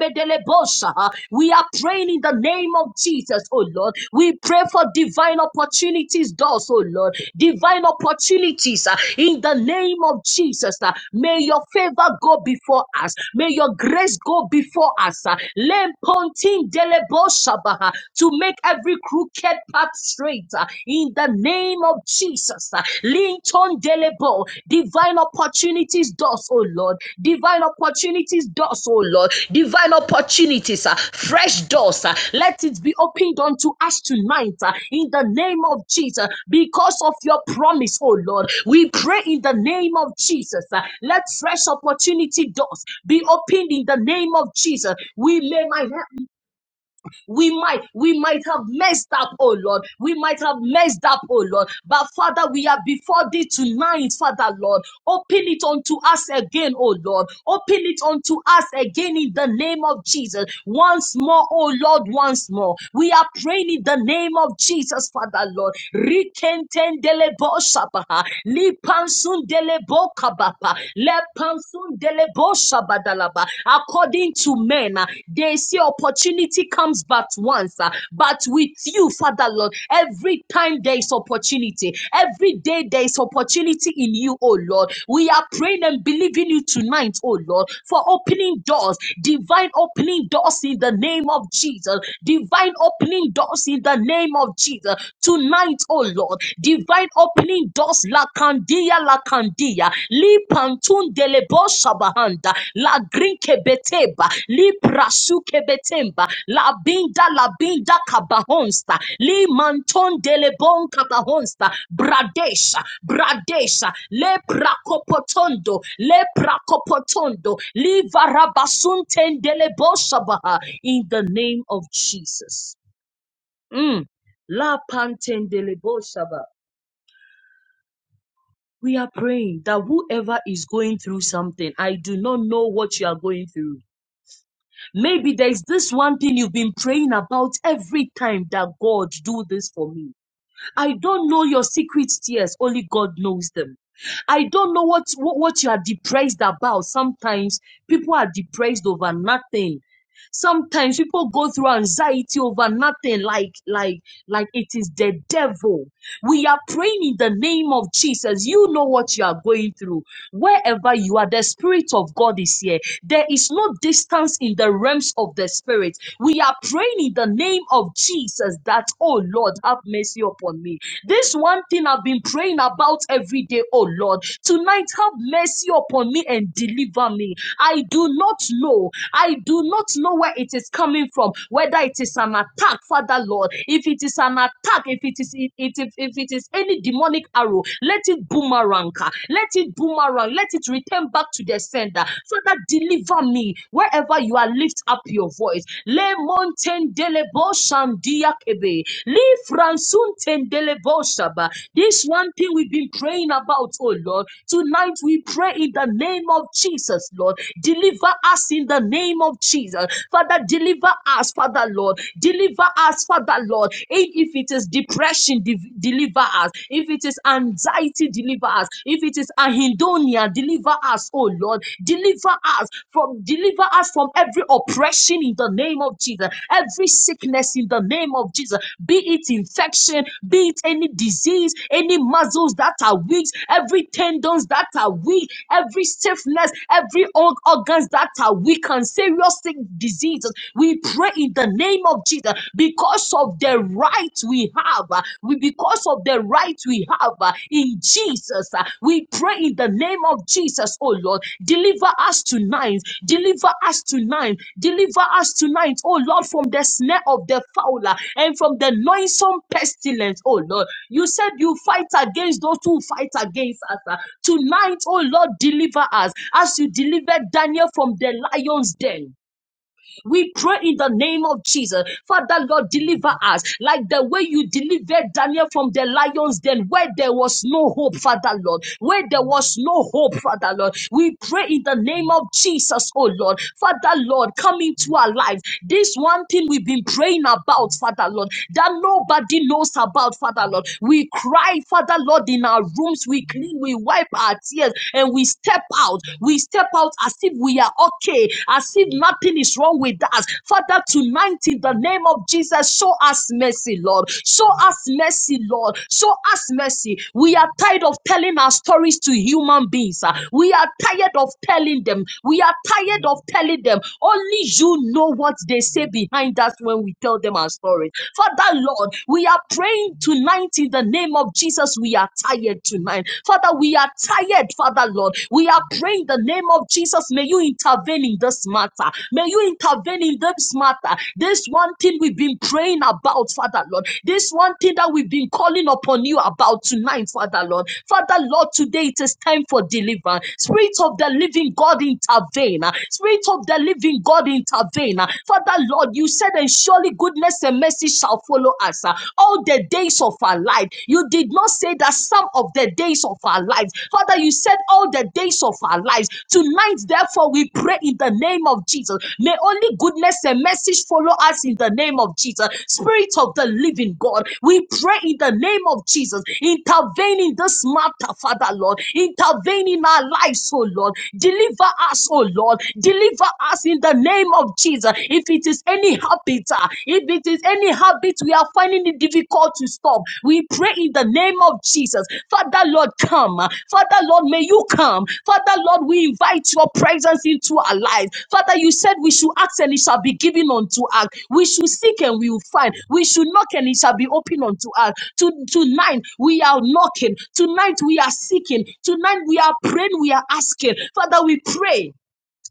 be dele bosa We are praying in the name of Jesus, oh Lord. We pray for divine opportunities, doors, oh Lord. Divine opportunities ah, in the name of Jesus. ah. May your favor go before us. May your grace go before us. ah. Lempontin dele bosa ba To make every crooked path straight straight uh, in the name of Jesus. uh, Linton Delebo, divine opportunities, doors, oh Lord, divine opportunities, doors, oh Lord, divine opportunities, uh, fresh doors. uh, Let it be opened unto us tonight uh, in the name of Jesus because of your promise, oh Lord. We pray in the name of Jesus. uh, Let fresh opportunity doors be opened in the name of Jesus. We lay my hand we might, we might have messed up, oh Lord. We might have messed up, oh Lord. But Father, we are before thee tonight, Father Lord. Open it unto us again, oh Lord. Open it unto us again in the name of Jesus. Once more, oh Lord, once more. We are praying in the name of Jesus, Father Lord. Rikentendele bo shabaha. Lipansun delebo kabapa. Lepansun delebo Kadoshabadalaba. According to men, uh, they say opportunity comes but once. uh, But with you, Father Lord, every time there is opportunity, every day there is opportunity in you, oh Lord. We are praying and believing you tonight, oh Lord, for opening doors, divine opening doors in the name of Jesus, divine opening doors in the name of Jesus. Tonight, oh Lord, divine opening dos la candia la candia li pantun de lebo shabahanda la grinke beteba li prasu kebetemba la binda la binda kabahonsta li manton de lebon kabahonsta bradesha bradesha le prakopotondo le prakopotondo li varabasunten de lebo shabaha in the name of Jesus. Mm. La pantendelebo we are praying that whoever is going through something, I do not know what you are going through. Maybe there is this one thing you've been praying about every time that God do this for me. I don't know your secret tears. Only God knows them. I don't know what, what, what you are depressed about. Sometimes people are depressed over nothing. Sometimes people go through anxiety over nothing, like like like it is the devil. We are praying in the name of Jesus. You know what you are going through. Wherever you are, the Spirit of God is here. There is no distance in the realms of the Spirit. We are praying in the name of Jesus that, oh Lord, have mercy upon me. This one thing I've been praying about every day, oh Lord. Tonight, have mercy upon me and deliver me. I do not know. I do not know where it is coming from, whether it is an attack, Father Lord. If it is an attack, if it is if, if, if it is any demonic arrow. Let it boomerang. ah. Let it boomerang. Let it return back to the sender. Father, deliver me wherever you are. Lift up your voice. Le mountain delebo shandia kebe. Le fransun tendelebo shaba. This one thing we've been praying about, oh Lord. Tonight we pray in the name of Jesus, Lord. Deliver us in the name of Jesus. Father, deliver us, Father, Lord. Deliver us, Father, Lord. And if it is is depression, de- deliver us. If it is anxiety, deliver us. If it is anhedonia, deliver us, oh Lord. Deliver us from deliver us from every oppression in the name of Jesus. Every sickness in the name of Jesus. Be it infection, be it any disease, any muscles that are weak, every tendons that are weak, every stiffness, every org- organs that are weak and serious sick diseases. We pray in the name of of Jesus, because of the right we have, uh, we because of the right we have uh, in Jesus, uh, we pray in the name of Jesus, oh Lord, deliver us tonight, deliver us tonight, deliver us tonight, oh Lord, from the snare of the fowler and from the noisome pestilence, oh Lord. You said you fight against those who fight against us. uh, Tonight, oh Lord, deliver us as you delivered Daniel from the lion's den. We pray in the name of Jesus. Father, Lord, deliver us like the way you delivered Daniel from the lions den where there was no hope, Father, Lord. Where there was no hope, Father, Lord. We pray in the name of Jesus, oh Lord. Father, Lord, come into our lives. This one thing we've been praying about, Father, Lord, that nobody knows about, Father, Lord. We cry, Father, Lord, in our rooms. We clean, we wipe our tears, and we step out. We we step out as if we are okay, as if nothing is wrong with us. Father, tonight in the name of Jesus, show us mercy, Lord. Show us mercy, Lord. Show us mercy. We are tired of telling our stories to human beings. ah. We are tired of telling them. We are tired of telling them. Only you know what they say behind us when we tell them our stories. Father, Lord, we are praying tonight in the name of Jesus. We are tired tonight tonight. Father, we are tired, Father Lord. We are praying in the name of Jesus. May you intervene in this matter. May you intervene in this matter. This one thing we've been praying about, Father Lord. This one thing that we've been calling upon you about tonight, Father Lord. Father Lord, today it is time for deliverance. Spirit of the living God, intervene. Spirit of the living God, intervene. Father Lord, you said, and surely goodness and mercy shall follow us all the days of our life. You did not say that some of the days of our lives. Father, you said all the days of our lives. Tonight, therefore, we pray in the name of Jesus. May only goodness and mercy follow us in the name of Jesus. Spirit of the living God, we pray in the name of Jesus. Intervene in this matter, Father Lord. Intervene in our lives, oh Lord. Deliver us, oh Lord. Deliver us in the name of Jesus. If it is it is any habit, ah, if it is any habit, we are finding it difficult to stop. We pray in the name of Jesus. Father, Lord, come. ah. Father, Lord, may you come. Father, Lord, we invite your presence into our lives. Father, you said we should ask and it shall be given unto us. We should seek and we will find. We should knock and it shall be opened unto us. To, tonight, we are knocking. Tonight, we are seeking. Tonight, we are praying. We are asking. Father, we pray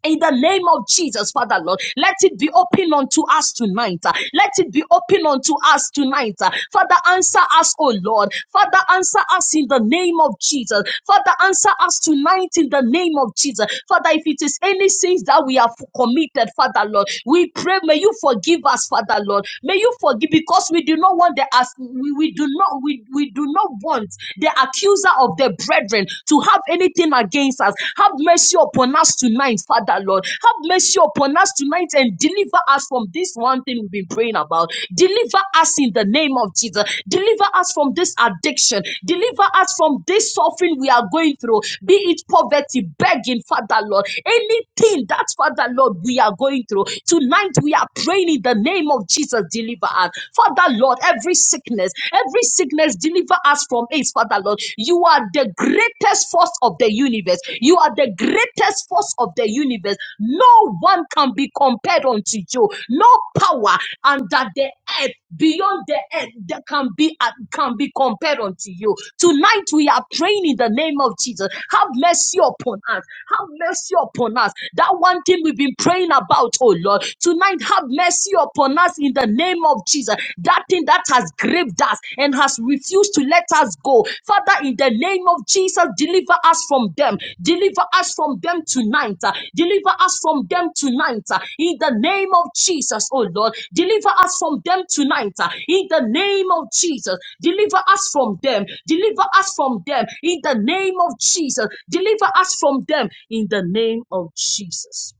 in the name of Jesus, Father Lord, let it be open unto us tonight. uh, Let it be open unto us tonight. uh. Father, answer us, O Lord. Father, answer us in the name of Jesus. Father, answer us tonight in the name of Jesus. Father, if it is any sins that we have committed, Father Lord, we pray, may you forgive us, Father Lord. May you forgive because we do not want the as we, we do not we, we do not want the accuser of the brethren to have anything against us. Have mercy upon us tonight, Father Lord. Have mercy upon us tonight and deliver us from this one thing we've been praying about. Deliver us in the name of Jesus. Deliver us from this addiction. Deliver us from this suffering we are going through, be it poverty, begging, Father Lord. Anything that, Father Lord, we are going through. Tonight we are praying in the name of Jesus. Deliver us. Father Lord, every sickness, every sickness, deliver us from AIDS, Father Lord. You are the greatest force of the universe. You are the greatest force of the universe. No one can be compared unto you. No power under the earth, beyond the earth, that can be uh, can be compared unto you. Tonight we are praying in the name of Jesus. Have mercy upon us. Have mercy upon us. That one thing we've been praying about, oh Lord. Tonight, have mercy upon us in the name of Jesus. That thing that has gripped us and has refused to let us go. Father, in the name of Jesus, deliver us from them. Deliver us from them tonight. uh, Deliver us from them tonight. uh, In the name of Jesus, oh Lord. Deliver us from them tonight. uh, In the name of Jesus, deliver us from them. Deliver us from them. In the name of Jesus, deliver us from them. In the name of Jesus.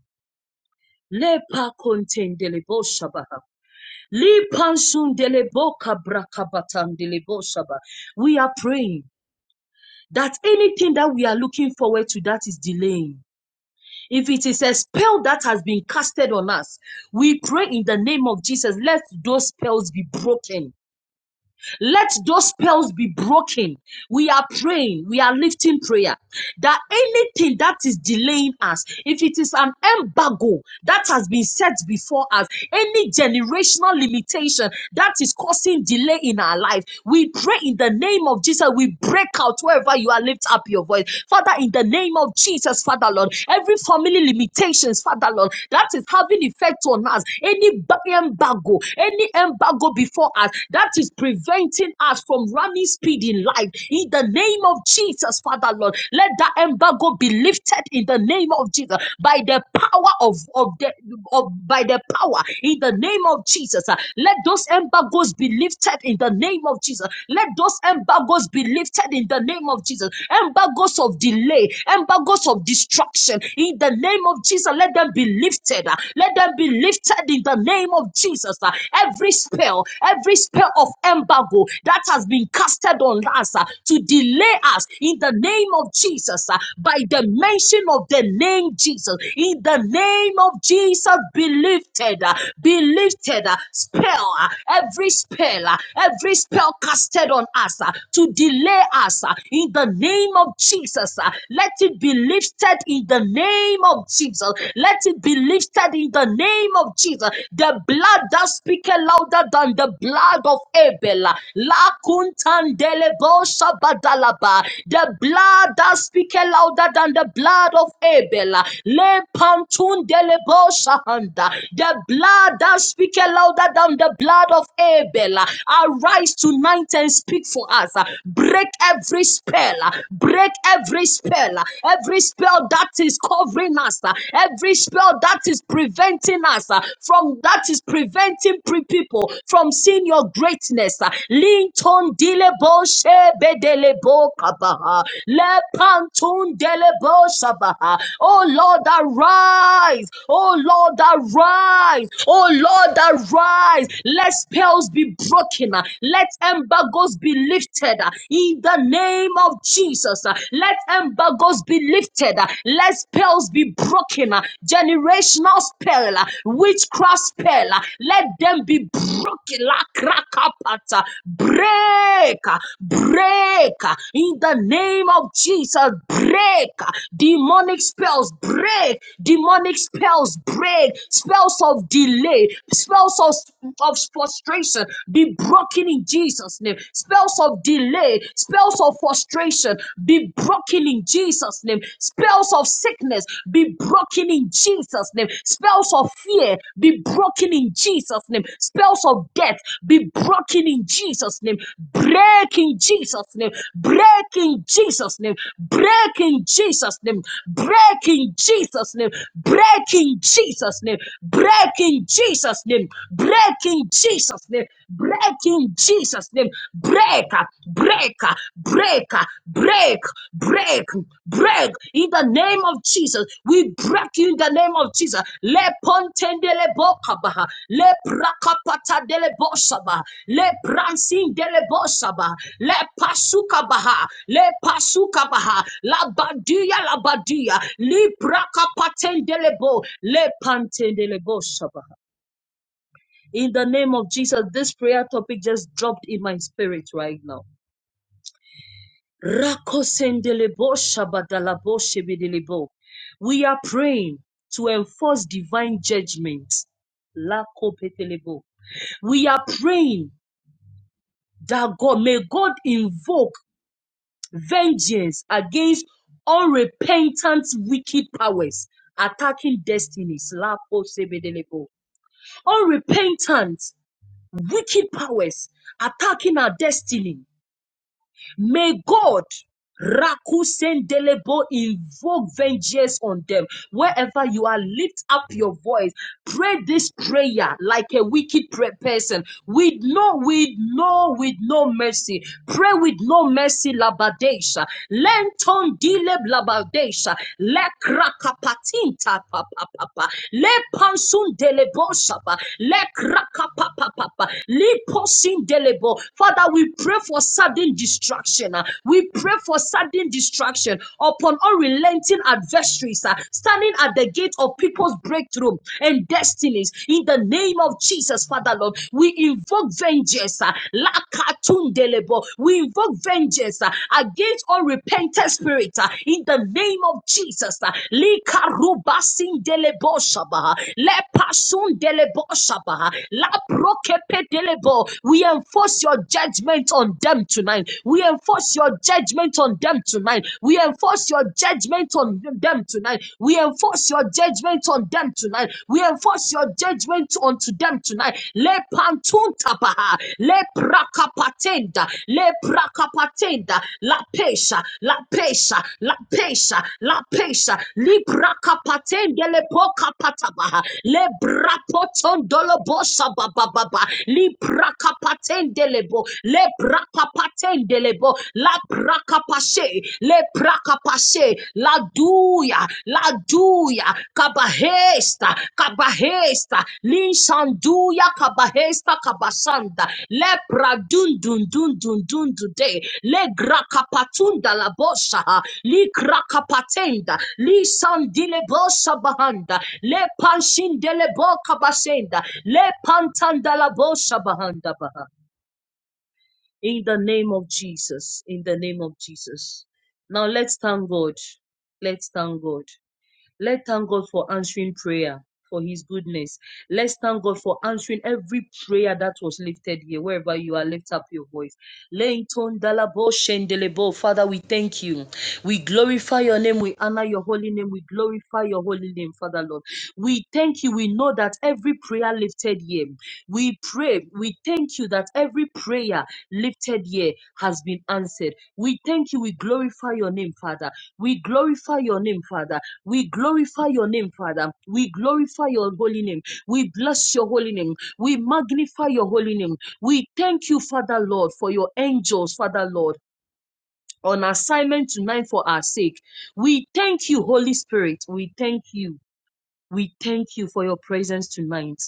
Lepa kontendele bo shabaha. We are praying that anything that we are looking forward to that is delaying. If it is a spell that has been casted on us, we pray in the name of Jesus, let those spells be broken let those spells be broken. We are praying, we are lifting prayer that anything that is delaying us, if it is an embargo that has been set before us, any generational limitation that is causing delay in our life, we pray in the name of Jesus. We break out wherever you are, lift up your voice, Father, in the name of Jesus, Father Lord. Every family limitations, Father Lord, that is having effect on us, any ba- embargo, any any embargo before us that is preventing us from running speed in life. In the name of Jesus, Father Lord, let that embargo be lifted in the name of Jesus by the power of, of the of, by the power in the name of Jesus. Uh, Let those embargoes be lifted in the name of Jesus. Let those embargoes be lifted in the name of Jesus. Embargoes of delay, embargoes of destruction in the name of Jesus. Let them be lifted. uh, Let them be lifted in the name of Jesus. uh, Every spell, every spell of embargo that has been casted on us uh, to delay us in the name of Jesus, uh, by the mention of the name Jesus, in the name of Jesus, be lifted, uh, be lifted. uh, Spell, uh, every spell, uh, every spell casted on us uh, to delay us uh, in the name of Jesus, uh, let it be lifted in the name of Jesus. Jesus. Let it be lifted in the name of Jesus. The blood that speaks louder than the blood of Abel. La kuntandelebo shabadalaba. The blood that speaks louder than the blood of Abel. Le pantundelebo shahanda. The blood that speaks louder than the blood of Abel. Arise tonight and speak for us. Break every spell. Break every spell every spell that is covering us, uh, every spell that is preventing us uh, from that is preventing pre- people from seeing your greatness. uh, Linton Dilebo Shebedelebo Kabaha, Lepantun Delebo Shabaha. Oh Lord, arise. Oh Lord, arise. Oh Lord, arise. Let spells be broken. uh, Let embargoes be lifted uh, in the name name of Jesus. uh, Let embargoes be lifted. uh, Let spells be broken. uh, Generational spell, uh, witchcraft spell, uh, let them be broken. La krakapata. Break, uh, break uh, in the name of Jesus. Break uh, demonic spells, break demonic spells, break spells of delay, spells of, of frustration be broken in Jesus' name spells of delay, spells of frustration be broken in Jesus' name, spells of sickness be broken in Jesus' name, spells of fear be broken in Jesus' name, spells of death be broken in Jesus' name, break in Jesus' name, break in Jesus' name, break in Jesus' name, break in Jesus' name, break in Jesus' name, break in Jesus' name, break in Jesus' Jesus' name. Break in Jesus' name. Break, break, break, break, break, break in the name of Jesus. We break you in the name of Jesus. Le pontendele bokabaha. Le brakapata dele bosaba. Le bransin dele bosaba. Le pasukabaha. Le pasukabaha. La badia la badia. Li brakapatendele bo. Le pantendele bosaba. In the name of Jesus, this prayer topic just dropped in my spirit right now. Rakosendelebo shabadalabo shebedelebo. We are praying to enforce divine judgment. Lakopetelebo. We are praying that God may God invoke vengeance against unrepentant wicked powers attacking destinies. Lakosebedelebo. Unrepentant wicked powers attacking our destiny May God Rakusendelebo, invoke vengeance on them. Wherever you are, lift up your voice. Pray this prayer like a wicked pre- person, with no, with no, with no mercy. Pray with no mercy, labadesha. Lenton dile labadesha. Le krakapatinta papapapa. Le pansun delebo shaba. Le krakapapapa. Le posin delebo. Father, we pray for sudden destruction uh, We pray for sudden distraction upon unrelenting adversaries uh, standing at the gate of people's breakthrough and destinies. In the name of Jesus, Father Lord, we invoke vengeance. uh, Lakatundelebo. We invoke vengeance uh, against unrepentant spirit uh, in the name of Jesus. uh, Likarubasindelebo shabaha, Lepasundelebo shabaha, Laprokepedelebo. We enforce your judgment on them tonight. We enforce your judgment on them tonight. We enforce your judgment on them tonight. We enforce your judgment on them tonight. We enforce your judgment onto them tonight. Le pantuntapaha, le prakapatenda, le prakapatenda, la pesha, la pesha, la pesha, la pesha, li prakapatenda le pokapatabaha, le brapotondolo bosha bababa, li prakapatenda lebo, le brakapatende lebo, la brakapashe le brakapashe la duya la duya kabahesta kabahesta linsanduya kabahesta kabasanda le bradundundundundundude le grakapatunda la bosha li grakapatenda li sandile bosha bahanda le panshindele boka basenda le pantanda la bosha bahanda baha. In the name of Jesus. In the name of Jesus. Now let's thank God. Let's thank God. Let's thank God for answering prayer, for His goodness. Let's thank God for answering every prayer that was lifted here. Wherever you are, lift up your voice. Leighton Dalabo Shendelebo. Father, we thank you. We glorify your name. We honor your holy name. We glorify your holy name, Father Lord. We thank you. We know that every prayer lifted here, we pray. We thank you that every prayer lifted here has been answered. We thank you. We glorify your name, Father. We glorify your name, Father. We glorify your name, Father. We glorify your holy name. We bless your holy name. We magnify your holy name. We thank you, Father Lord, for your angels, Father Lord, on assignment tonight for our sake. We thank you, Holy Spirit. We thank you. We thank you for your presence tonight.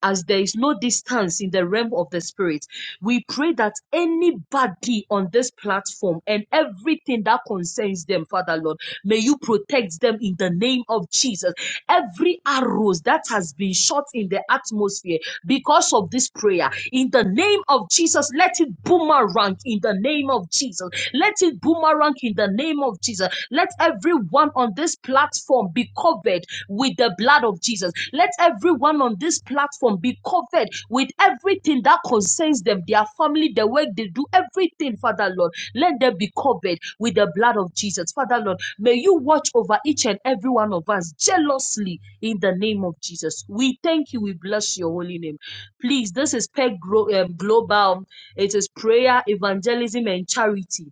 As there is no distance in the realm of the spirit, we pray that anybody on this platform and everything that concerns them, Father Lord, may you protect them in the name of Jesus. Every arrows that has been shot in the atmosphere because of this prayer, in the name of Jesus, let it boomerang in the name of Jesus. Let it boomerang in the name name of Jesus. Let everyone on this platform be covered with the blood of Jesus. Let everyone on this platform be covered with everything that concerns them, their family, the work they do, everything, Father Lord. Let them be covered with the blood of Jesus. Father Lord, may you watch over each and every one of us jealously in the name of Jesus. We thank you. We bless your holy name. Please, this is PEG Glo- um, Global. It is prayer, evangelism, and charity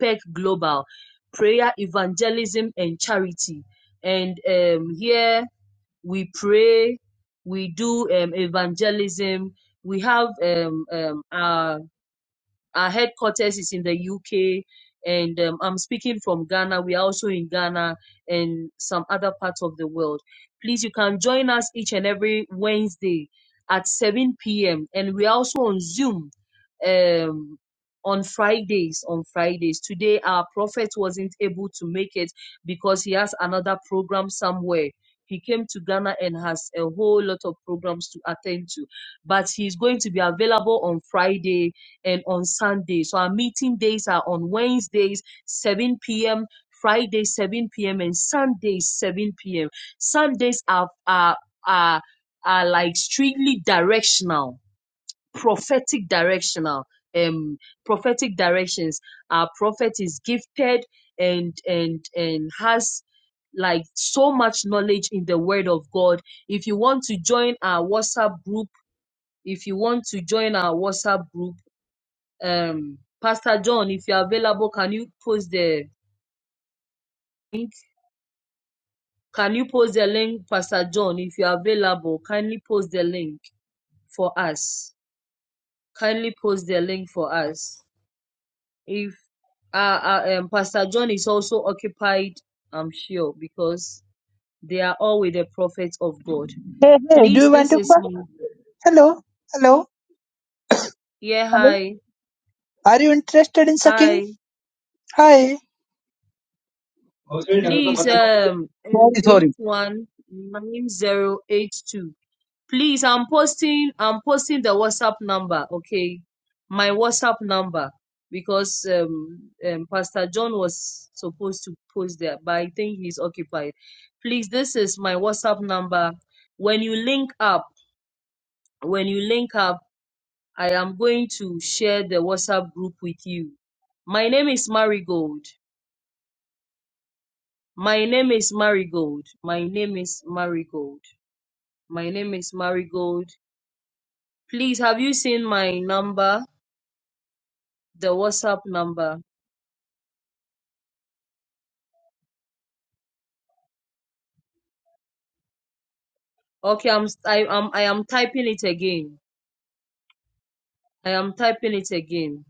Impact Global, prayer, evangelism, and charity. And um, here we pray, we do um, evangelism. We have um, um, our our headquarters is in the UK, and um, I'm speaking from Ghana. We are also in Ghana and some other parts of the world. Please, you can join us each and every Wednesday at 7 p.m. And we are also on Zoom um, on Fridays. On Fridays today, our prophet wasn't able to make it because he has another program somewhere. He came to Ghana and has a whole lot of programs to attend to, but he's going to be available on Friday and on Sunday. So our meeting days are on Wednesdays, 7 p.m. Friday 7 p.m. and Sundays 7 p.m. Sundays are are are, are like strictly directional, prophetic directional, um, prophetic directions. Our prophet is gifted and and and has like so much knowledge in the word of God. If you want to join our WhatsApp group, if you want to join our WhatsApp group um pastor john if you're available can you post the link can you post the link pastor john if you're available kindly post the link for us kindly post the link for us if uh, uh um, pastor john is also occupied i'm sure because they are all with the prophets of god Hey, hey, do please you want this to is fuck? my Hello, hello, yeah hello. hi Are you interested in sucking? hi Hi. please um oh, eight one nine zero eight two Please, I'm posting I'm posting the WhatsApp number, okay? My WhatsApp number because um, um Pastor John was supposed to post there, but I think he's occupied. Please, this is my WhatsApp number. When you link up, when you link up, I am going to share the WhatsApp group with you. My name is Marigold. My name is Marigold. My name is Marigold. My name is Marigold. Please, have you seen my number? the WhatsApp number. Okay, I'm s- I am I am typing it again. I am typing it again.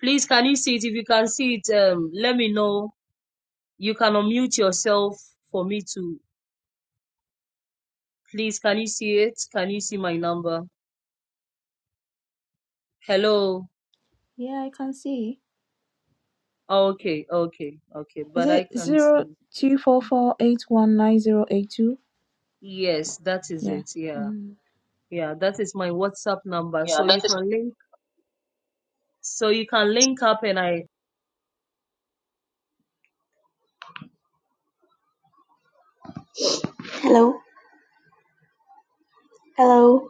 Please, can you see it? If you can see it, um, let me know. You can unmute yourself for me to. Please, can you see it? Can you see my number? Hello. Yeah, I can see. Ah, Okay, okay, okay. Is But I it can zero see. two four four eight one nine zero eight two? Yes, that is Yeah. it. Yeah, Mm. yeah. That is my WhatsApp number. So Yeah, that you is can link. So you can link up, and I Hello, hello.